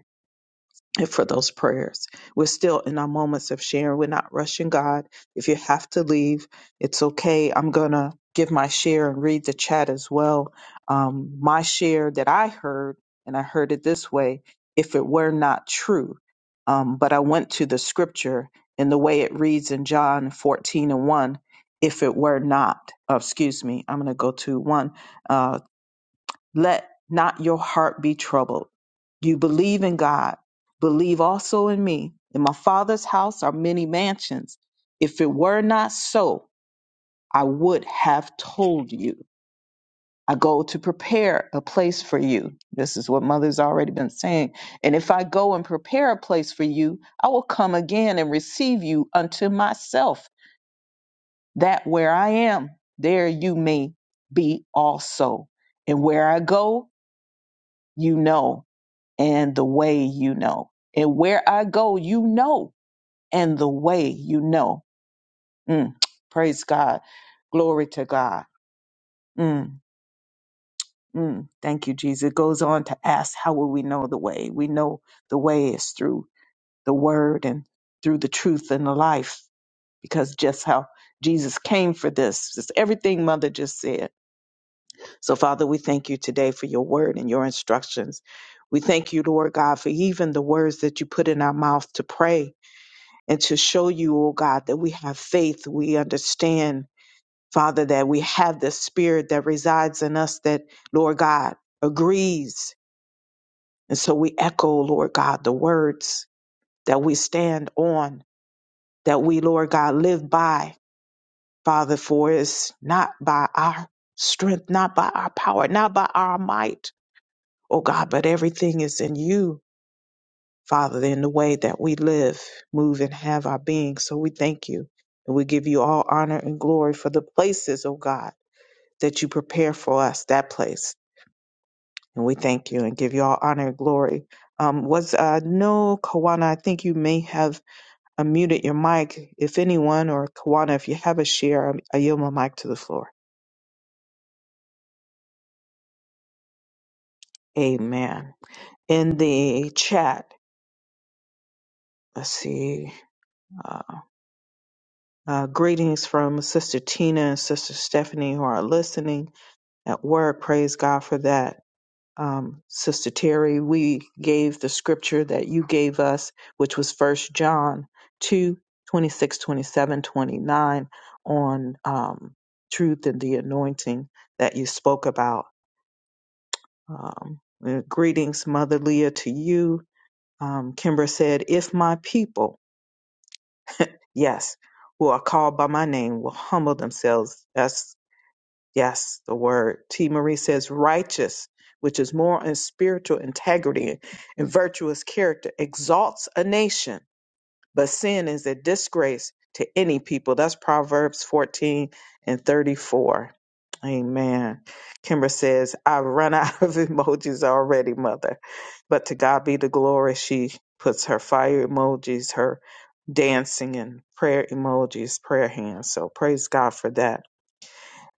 and for those prayers. We're still in our moments of sharing. We're not rushing God. If you have to leave, it's okay. I'm going to give my share and read the chat as well. Um, my share that I heard, and I heard it this way if it were not true, um, but I went to the scripture and the way it reads in John 14 and 1. If it were not, oh, excuse me, I'm going to go to one. uh, let not your heart be troubled. You believe in God, believe also in me. In my Father's house are many mansions. If it were not so, I would have told you. I go to prepare a place for you. This is what Mother's already been saying. And if I go and prepare a place for you, I will come again and receive you unto myself, that where I am, there you may be also. And where I go, you know and the way you know. And where I go, you know, and the way you know. Mm. Praise God. Glory to God. Mm, mm. Thank you, Jesus. It goes on to ask, how will we know the way? We know the way is through the word and through the truth and the life, because just how Jesus came for this. It's everything Mother just said. So, Father, we thank you today for your word and your instructions. We thank you, Lord God, for even the words that you put in our mouth to pray and to show you, oh God, that we have faith, we understand, Father, that we have the spirit that resides in us that, Lord God, agrees. And so we echo, Lord God, the words that we stand on, that we, Lord God, live by, Father, for it's not by our strength, not by our power, not by our might, oh God, but everything is in you. Father, in the way that we live, move, and have our being. So we thank you and we give you all honor and glory for the places, oh God, that you prepare for us, that place. And we thank you and give you all honor and glory. Um, was uh, no Kawana, I think you may have unmuted your mic. If anyone, or Kawana, if you have a share, um, I yield my mic to the floor. Amen. In the chat, let's see. Uh, uh, greetings from Sister Tina and Sister Stephanie who are listening. at work. Praise God for that. Um, Sister Terry, we gave the scripture that you gave us, which was First John 2 26, 27, 29, on um, truth and the anointing that you spoke about. Um, uh, greetings, Mother Leah, to you. Um, Kimber said, If my people, yes, who are called by my name, will humble themselves. Yes, the word. T. Marie says righteous, which is moral and spiritual integrity and virtuous character, exalts a nation, but sin is a disgrace to any people. That's Proverbs 14 and 34. Amen. Kimber says, I've run out of emojis already, mother. But to God be the glory. She puts her fire emojis, her dancing and prayer emojis, prayer hands. So praise God for that.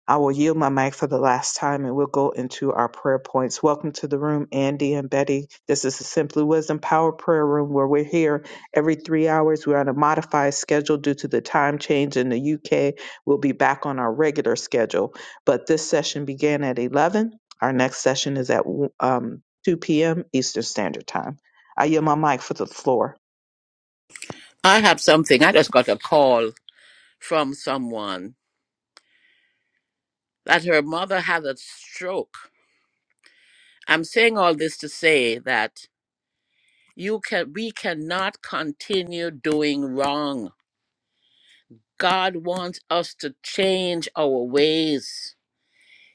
I will yield my mic for the last time and we'll go into our prayer points. Welcome to the room, Andy and Betty. This is the Simply Wisdom Power Prayer Room where we're here every three hours. We're on a modified schedule due to the time change in the UK. We'll be back on our regular schedule. But this session began at 11. Our next session is at um, 2 p.m. Eastern Standard Time. I yield my mic for the floor.
I have something. I just got a call from someone that her mother had a stroke I'm saying all this to say that you can we cannot continue doing wrong. God wants us to change our ways.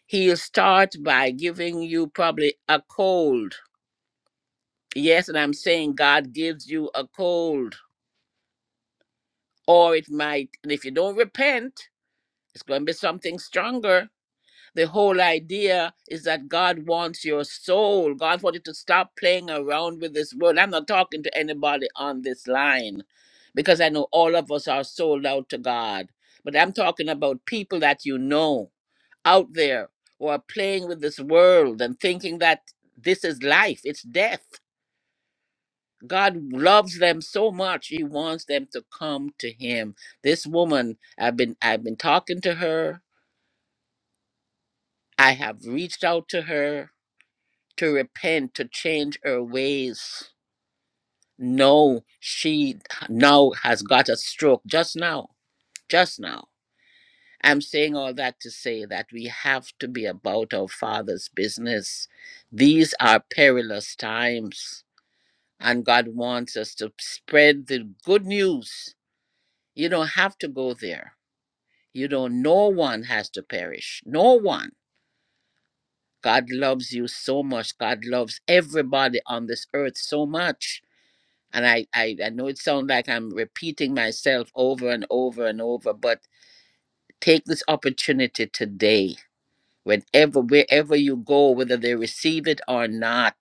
He'll start by giving you probably a cold. Yes, and I'm saying God gives you a cold. Or it might, and if you don't repent, it's going to be something stronger. the whole idea is that God wants your soul. God wants you to stop playing around with this world. I'm not talking to anybody on this line because I know all of us are sold out to God. But I'm talking about people that you know out there who are playing with this world and thinking that this is life, it's death. God loves them so much. He wants them to come to him. This woman, I've been I've been talking to her. I have reached out to her to repent, to change her ways. No, she now has got a stroke just now, just now. I'm saying all that to say that we have to be about our Father's business. These are perilous times, and God wants us to spread the good news. You don't have to go there. You don't, no one has to perish. No one. God loves you so much. God loves everybody on this earth so much and I, I i know it sounds like i'm repeating myself over and over and over but take this opportunity today whenever wherever you go whether they receive it or not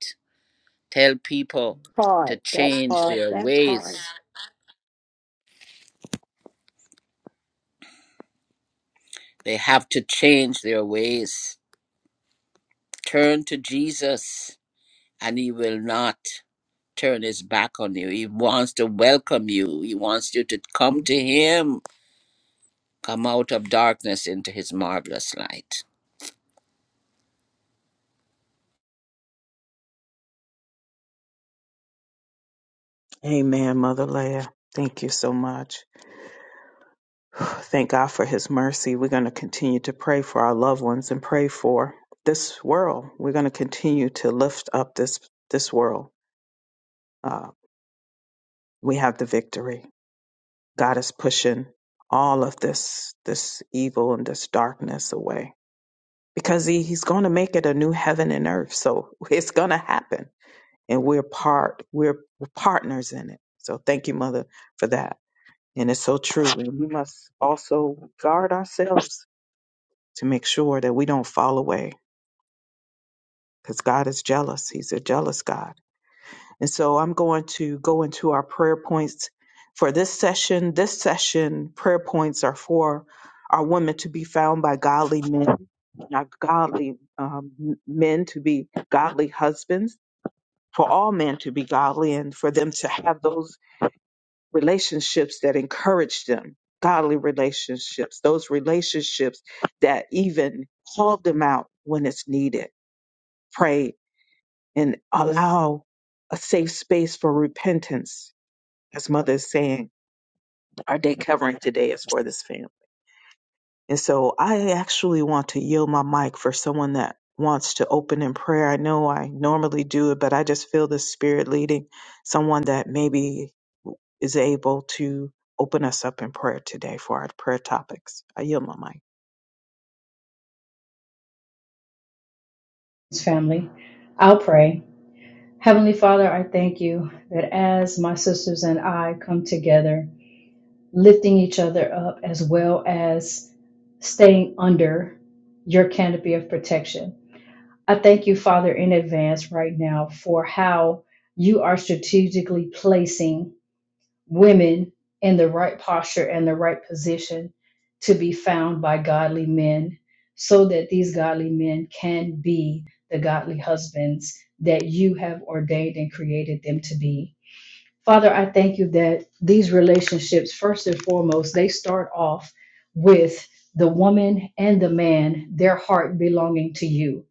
tell people to
Part. That
change
part.
their
That
ways
part.
they have to change their ways turn to jesus and he will not turn his back on you he wants to welcome you he wants you to come to him come out of darkness into his marvelous light
Amen, Mother Leah. Thank you so much. Thank God for his mercy. We're going to continue to pray for our loved ones and pray for this world. We're going to continue to lift up this this world. Uh, we have the victory. God is pushing all of this this evil and this darkness away because he, he's going to make it a new heaven and earth. So it's going to happen, and we're part we're, we're partners in it. So thank you, Mother, for that. And it's so true. And we must also guard ourselves to make sure that we don't fall away because God is jealous. He's a jealous God. And so I'm going to go into our prayer points for this session. This session, prayer points are for our women to be found by godly men, not godly um, men to be godly husbands, for all men to be godly, and for them to have those relationships that encourage them. Godly relationships, those relationships that even call them out when it's needed pray and allow a safe space for repentance. As mother is saying, our day covering today is for this family. And so I actually want to yield my mic for someone that wants to open in prayer. I know I normally do it, but I just feel the spirit leading someone that maybe is able to open us up in prayer today for our prayer topics. I yield my mic.
family. I'll pray. Heavenly Father, I thank you that as my sisters and I come together, lifting each other up as well as staying under your canopy of protection. I thank you, Father, in advance right now for how you are strategically placing women in the right posture and the right position to be found by godly men so that these godly men can be the godly husbands that you have ordained and created them to be. Father, I thank you that these relationships, first and foremost, they start off with the woman and the man, their heart belonging to you.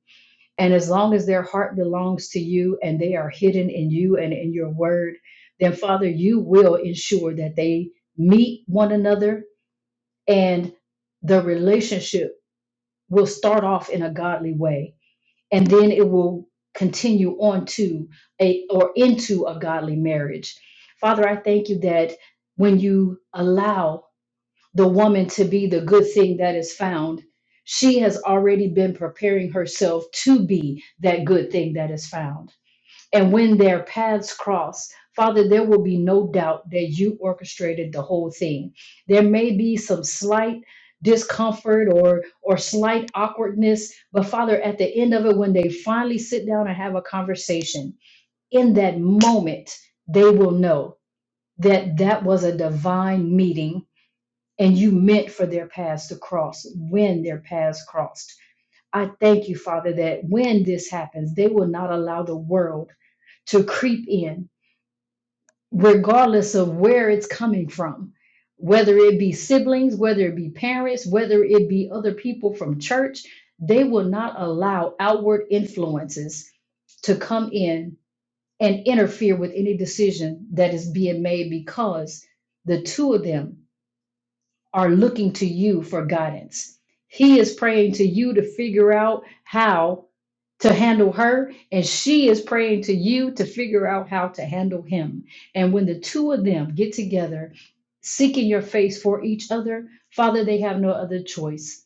And as long as their heart belongs to you and they are hidden in you and in your word, then Father, you will ensure that they meet one another and the relationship will start off in a godly way and then it will continue on to a or into a godly marriage. Father, I thank you that when you allow the woman to be the good thing that is found, she has already been preparing herself to be that good thing that is found. And when their paths cross, Father, there will be no doubt that you orchestrated the whole thing. There may be some slight discomfort or or slight awkwardness, but Father, at the end of it when they finally sit down and have a conversation, in that moment, they will know that that was a divine meeting and you meant for their paths to cross when their paths crossed. I thank you, Father, that when this happens, they will not allow the world to creep in regardless of where it's coming from, whether it be siblings, whether it be parents, whether it be other people from church, they will not allow outward influences to come in and interfere with any decision that is being made because the two of them are looking to you for guidance. He is praying to you to figure out how to handle her, and she is praying to you to figure out how to handle him. And when the two of them get together, seeking your face for each other, Father, they have no other choice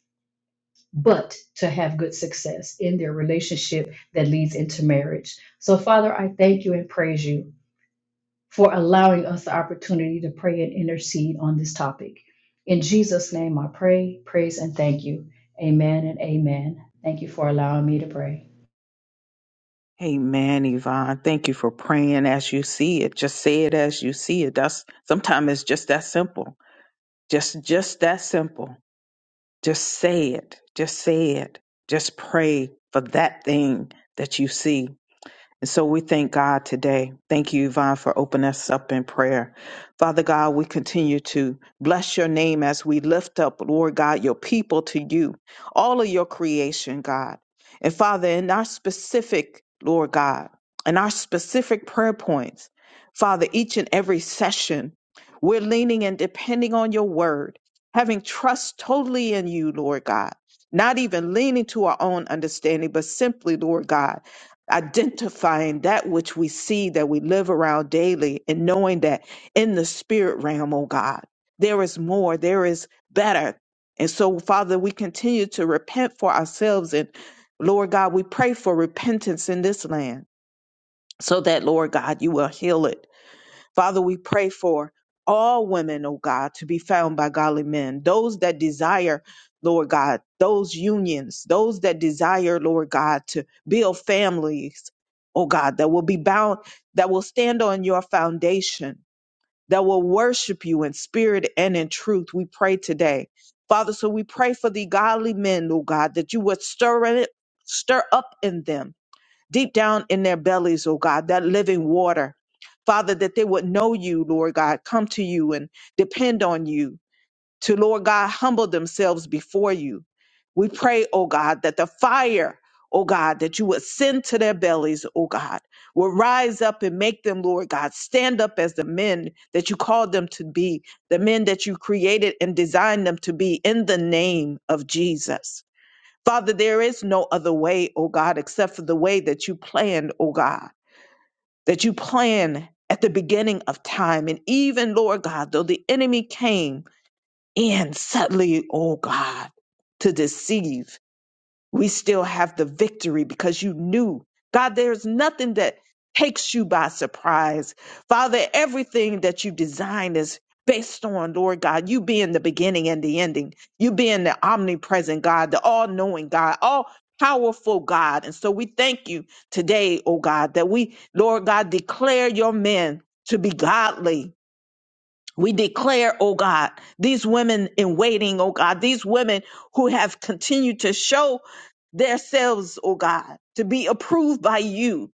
but to have good success in their relationship that leads into marriage. So, Father, I thank you and praise you for allowing us the opportunity to pray and intercede on this topic. In Jesus' name, I pray, praise, and thank you. Amen and amen. Thank you for allowing me to pray.
Amen, Yvonne. Thank you for praying as you see it. Just say it as you see it. That's sometimes it's just that simple. Just just that simple. Just say it. Just say it. Just pray for that thing that you see. And so we thank God today. Thank you, Yvonne, for opening us up in prayer. Father God, we continue to bless your name as we lift up, Lord God, your people to you, all of your creation, God. And Father, in our specific, Lord God, in our specific prayer points, Father, each and every session, we're leaning and depending on your word, having trust totally in you, Lord God, not even leaning to our own understanding, but simply, Lord God identifying that which we see that we live around daily and knowing that in the spirit realm, oh God, there is more, there is better. And so, Father, we continue to repent for ourselves. And Lord God, we pray for repentance in this land so that, Lord God, you will heal it Father, we pray for all women, oh God, to be found by godly men, those that desire, Lord God, those unions, those that desire, Lord God, to build families, oh God, that will be bound, that will stand on your foundation, that will worship you in spirit and in truth. We pray today. Father, so we pray for the godly men, oh God, that you would stir it, stir up in them deep down in their bellies, oh God, that living water. Father, that they would know you, Lord God, come to you and depend on you, to, Lord God, humble themselves before you. We pray, oh God, that the fire, oh God, that you would send to their bellies, oh God, will rise up and make them, Lord God, stand up as the men that you called them to be, the men that you created and designed them to be in the name of Jesus. Father, there is no other way, oh God, except for the way that you planned, oh God, that you planned at the beginning of time. And even, Lord God, though the enemy came in subtly, oh God, to deceive we still have the victory because you knew. God, there's nothing that takes you by surprise. Father, everything that you design is based on, Lord God, you being the beginning and the ending, you being the omnipresent God, the all knowing God, all powerful God. And so we thank you today, oh God, that we, Lord God, declare your men to be godly we declare, oh God, these women in waiting, oh God, these women who have continued to show themselves, oh God, to be approved by you,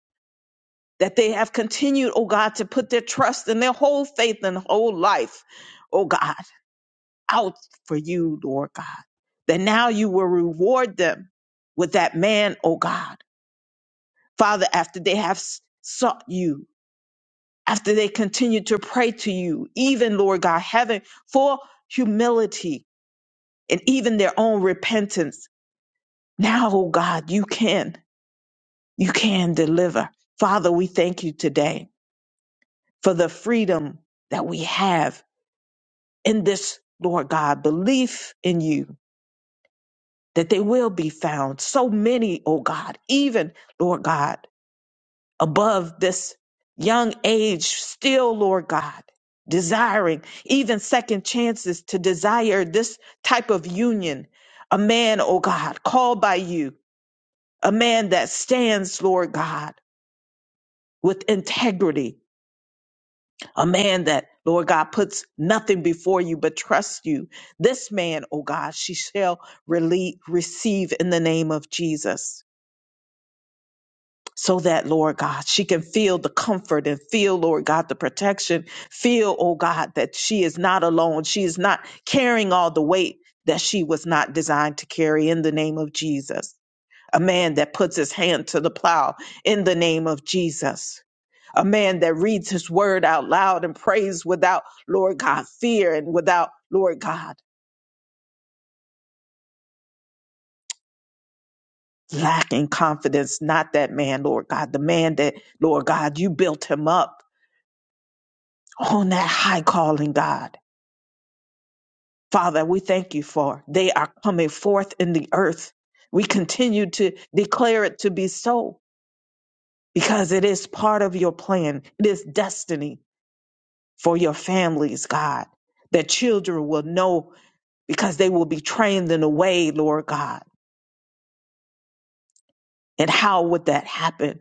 that they have continued, oh God, to put their trust and their whole faith and whole life, oh God, out for you, Lord God, that now you will reward them with that man, oh God, Father, after they have s- sought you, after they continue to pray to you, even, Lord God, having for humility, and even their own repentance. Now, oh God, you can, you can deliver. Father, we thank you today for the freedom that we have in this, Lord God, belief in you that they will be found. So many, oh God, even, Lord God, above this young age, still, Lord God, desiring even second chances to desire this type of union. A man, oh God, called by you a man that stands, Lord God, with integrity, a man that, Lord God, puts nothing before you but trusts you. This man, oh God, she shall rele receive in the name of Jesus. So that, Lord God, she can feel the comfort and feel, Lord God, the protection. Feel, oh God, that she is not alone. She is not carrying all the weight that she was not designed to carry in the name of Jesus. A man that puts his hand to the plow in the name of Jesus a man that reads his word out loud and prays without, Lord God, fear and without, Lord God, lacking confidence. Not that man, Lord God, the man that, Lord God, you built him up on that high calling, God. Father, we thank you for they are coming forth in the earth. We continue to declare it to be so because it is part of your plan. It is destiny for your families, God, that children will know because they will be trained in a way, Lord God And how would that happen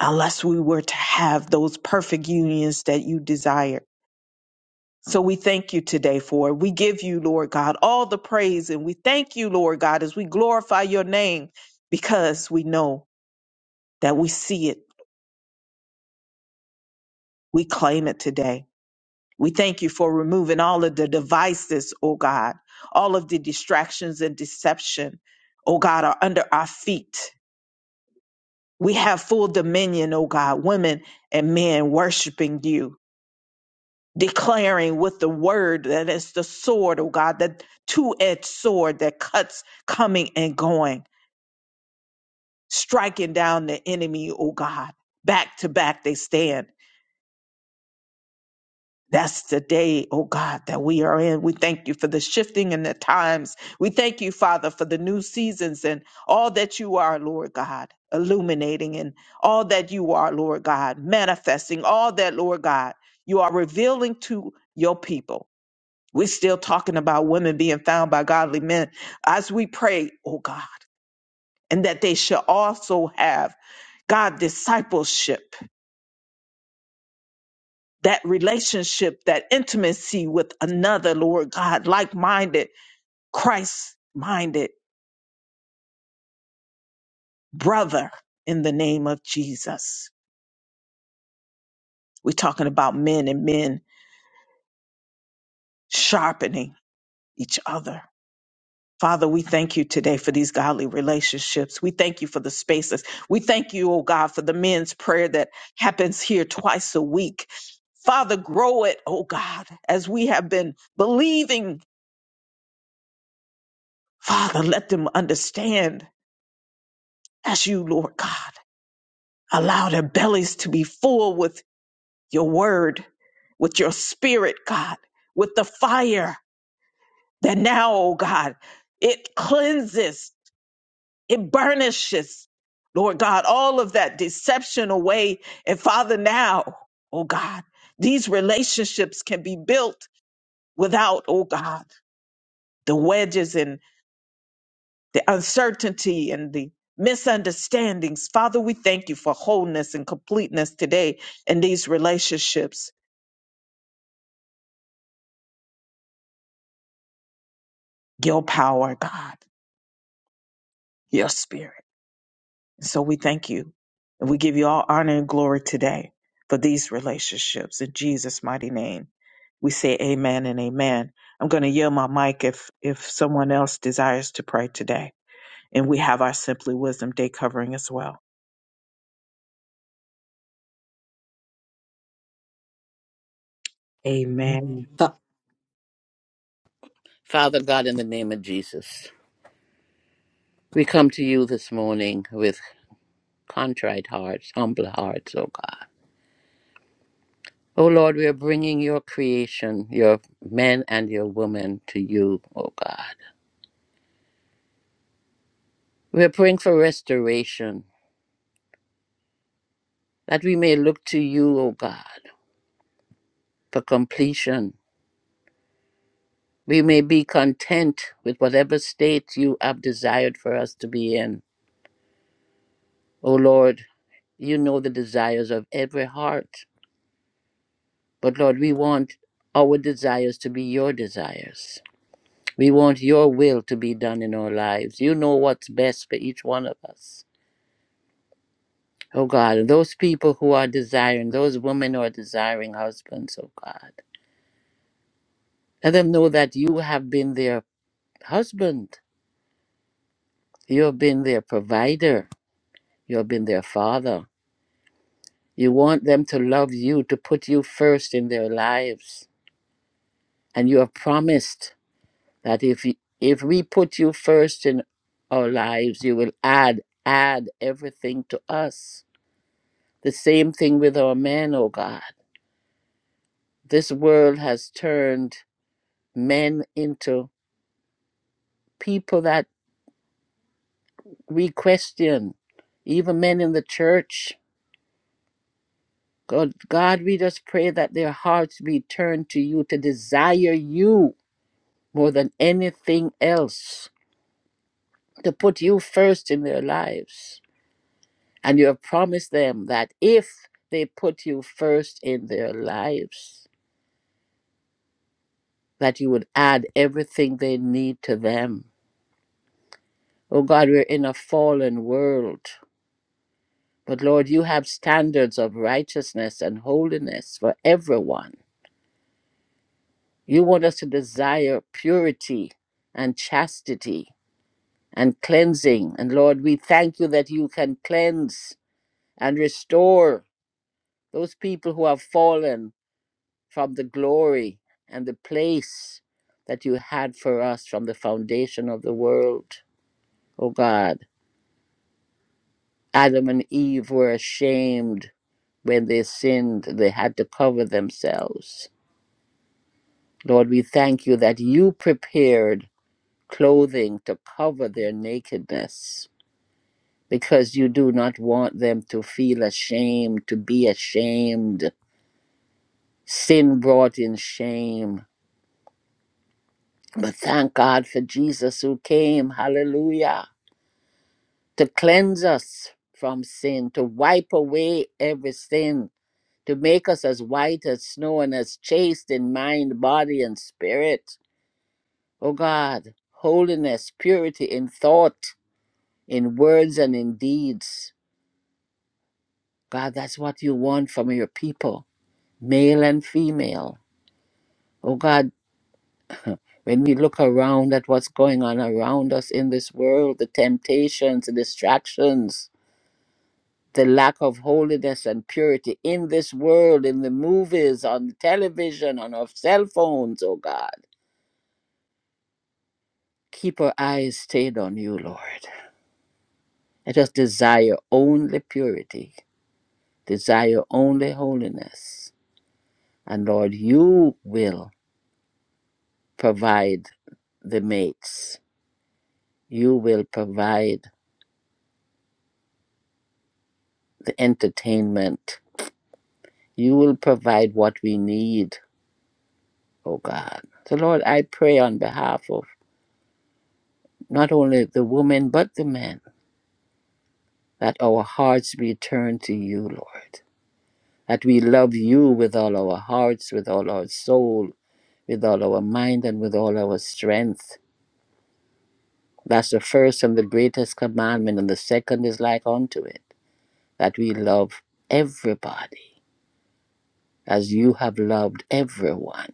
unless we were to have those perfect unions that you desire? So we thank you today for it. We give you, Lord God, all the praise and we thank you, Lord God, as we glorify your name because we know that we see it. We claim it today. We thank you for removing all of the devices, oh God, all of the distractions and deception, oh God, are under our feet. We have full dominion, oh God, women and men worshiping you. declaring with the word that it's the sword, oh God, that two edged sword that cuts coming and going, striking down the enemy, oh God. Back to back they stand. That's the day, oh God, that we are in. We thank you for the shifting in the times. We thank you, Father, for the new seasons and all that you are, Lord God, illuminating and all that you are, Lord God, manifesting all that, Lord God, you are revealing to your people. We're still talking about women being found by godly men as we pray, oh God, and that they shall also have God discipleship, that relationship, that intimacy with another, Lord God, like minded, Christ minded brother in the name of Jesus. We're talking about men and men sharpening each other Father, we thank you today for these godly relationships. We thank you for the spaces. We thank you, oh God, for the men's prayer that happens here twice a week. Father, grow it, oh God, as we have been believing. Father, let them understand as you, Lord God. Allow their bellies to be full with your word, with your spirit, God, with the fire that now, oh God, it cleanses It burnishes, Lord God, all of that deception away. And Father, now, oh God, these relationships can be built without, oh God, the wedges and the uncertainty and the misunderstandings. Father, we thank you for wholeness and completeness today in these relationships. Your power, God, your spirit. So we thank you and we give you all honor and glory today for these relationships in Jesus' mighty name. We say amen and amen. I'm going to yield my mic if, if someone else desires to pray today. And we have our Simply Wisdom Day covering as well. Amen.
The-
Father God, in the name of Jesus, we come to you this morning with contrite hearts, humble hearts, oh God. Oh Lord, we are bringing your creation, your men and your women, to you, oh God. We are praying for restoration, that we may look to you, oh God, for completion. We may be content with whatever state you have desired for us to be in. Oh Lord, you know the desires of every heart. But Lord, we want our desires to be your desires. We want your will to be done in our lives. You know what's best for each one of us. Oh God, and those people who are desiring, those women who are desiring husbands, oh God, let them know that you have been their husband. You have been their provider. You have been their father. You want them to love you, to put you first in their lives. And you have promised that if you, if we put you first in our lives you will add add everything to us the same thing with our men oh god this world has turned men into people that we question even men in the church god god we just pray that their hearts be turned to you to desire you more than anything else to put you first in their lives And you have promised them that if they put you first in their lives, that you would add everything they need to them. Oh God, we're in a fallen world. But Lord, you have standards of righteousness and holiness for everyone. You want us to desire purity and chastity and cleansing. And Lord, we thank you that you can cleanse and restore those people who have fallen from the glory and the place that you had for us from the foundation of the world. Oh God, Adam and Eve were ashamed when they sinned, they had to cover themselves. Lord, we thank you that you prepared clothing to cover their nakedness because you do not want them to feel ashamed, to be ashamed. Sin brought in shame. But thank God for Jesus who came. Hallelujah to cleanse us from sin, to wipe away every sin, to make us as white as snow and as chaste in mind, body, and spirit. O God, holiness, purity in thought, in words, and in deeds. God, that's what you want from your people, male and female. O God, when we look around at what's going on around us in this world, the temptations, the distractions, the lack of holiness and purity in this world, in the movies, on the television, on our cell phones, oh God. Keep our eyes stayed on you, Lord. Let us desire only purity, desire only holiness. And Lord, you will provide the mates, you will provide the entertainment, you will provide what we need, oh God. So, Lord, I pray on behalf of not only the women, but the men that our hearts be turned to you, Lord. That we love you with all our hearts, with all our soul, with all our mind, and with all our strength. That's the first and the greatest commandment, and the second is like unto it that we love everybody as you have loved everyone,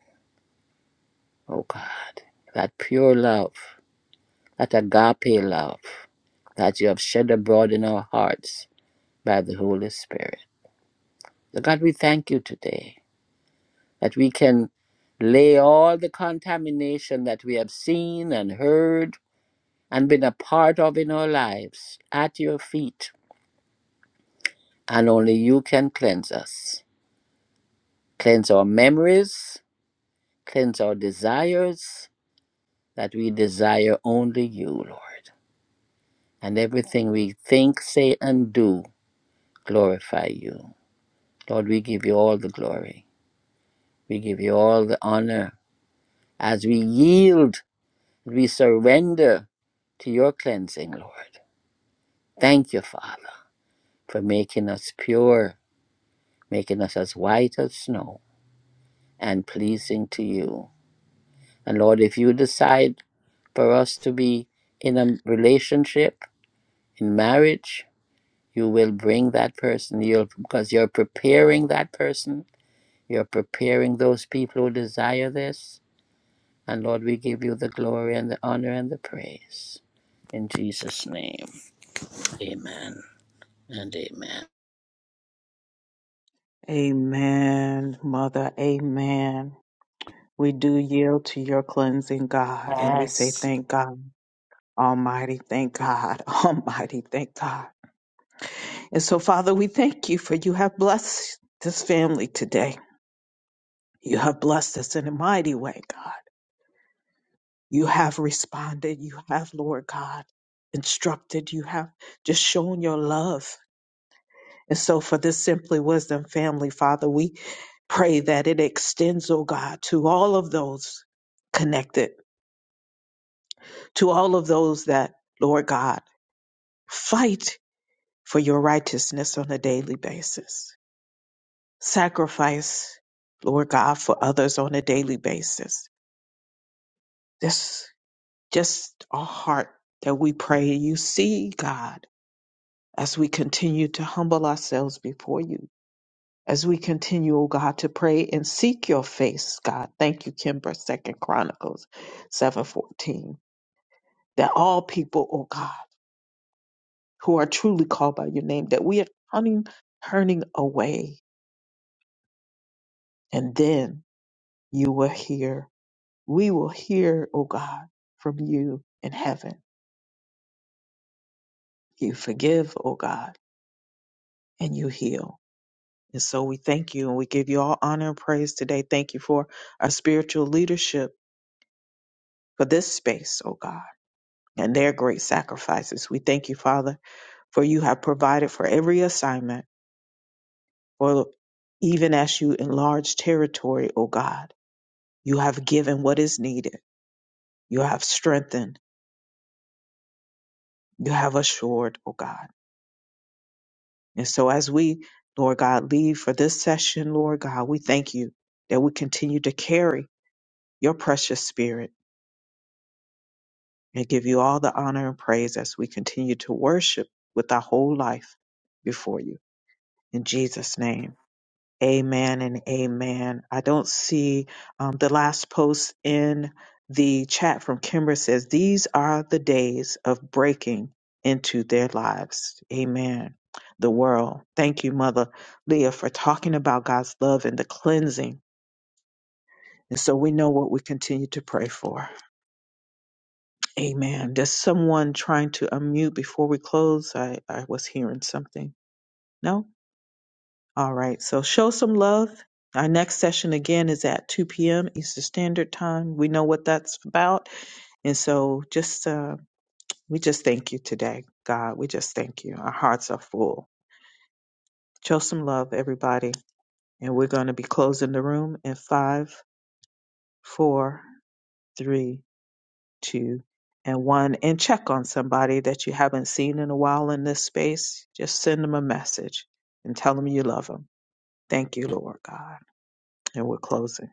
O God. That pure love, that agape love that you have shed abroad in our hearts by the Holy Spirit. So God, we thank you today that we can lay all the contamination that we have seen and heard and been a part of in our lives at your feet, and only you can cleanse us. Cleanse our memories, cleanse our desires, that we desire only you, Lord. And everything we think, say, and do glorify you. Lord, we give you all the glory, we give you all the honor as we yield, we surrender to your cleansing, Lord. Thank you, Father, for making us pure, making us as white as snow, and pleasing to you. And Lord, if you decide for us to be in a relationship, in marriage, you will bring that person. You'll because you're preparing that person. You're preparing those people who desire this. And Lord, we give you the glory and the honor and the praise. In Jesus' name, amen and amen.
Amen, Mother. Amen. We do yield to your cleansing, God. And we say,
yes.
thank God. Almighty, thank God. Almighty, thank God. And so, Father, we thank you for you have blessed this family today. You have blessed us in a mighty way, God. You have responded. You have, Lord God, instructed. You have just shown your love. And so, for this Simply Wisdom family, Father, we pray that it extends, oh God, to all of those connected, to all of those that, Lord God, fight for your righteousness on a daily basis. sacrifice, Lord God, for others on a daily basis. This just our heart that we pray. You see, God, as we continue to humble ourselves before you, as we continue, oh God, to pray and seek your face, God. Thank you, Kimber, Second Chronicles seven fourteen. That all people, oh God, who are truly called by your name, that we are turning, turning away, and then you will hear we will hear, O God, from you in heaven. You forgive, O God, and you heal. And so we thank you and we give you all honor and praise today. Thank you for our spiritual leadership for this space, O God, and their great sacrifices. We thank you, Father, for you have provided for every assignment, for even as you enlarge territory, O God, you have given what is needed. You have strengthened. You have assured, O God. And so as we, Lord God, leave for this session, Lord God, we thank you that we continue to carry your precious spirit and give you all the honor and praise as we continue to worship with our whole life before you. In Jesus' name. Amen and amen. I don't see um, the last post in the chat from Kimber says, These are the days of breaking into their lives. Amen. The world. Thank you, Mother Leah, for talking about God's love and the cleansing. And so we know what we continue to pray for. Amen. There's someone trying to unmute before we close. I, I was hearing something. No? All right, so show some love. Our next session again is at 2 p.m. Eastern Standard Time. We know what that's about. And so just, uh, we just thank you today, God. We just thank you. Our hearts are full. Show some love, everybody. And we're going to be closing the room in five, four, three, two, and one. And check on somebody that you haven't seen in a while in this space. Just send them a message and tell them you love them. Thank you, Lord God. And we're closing.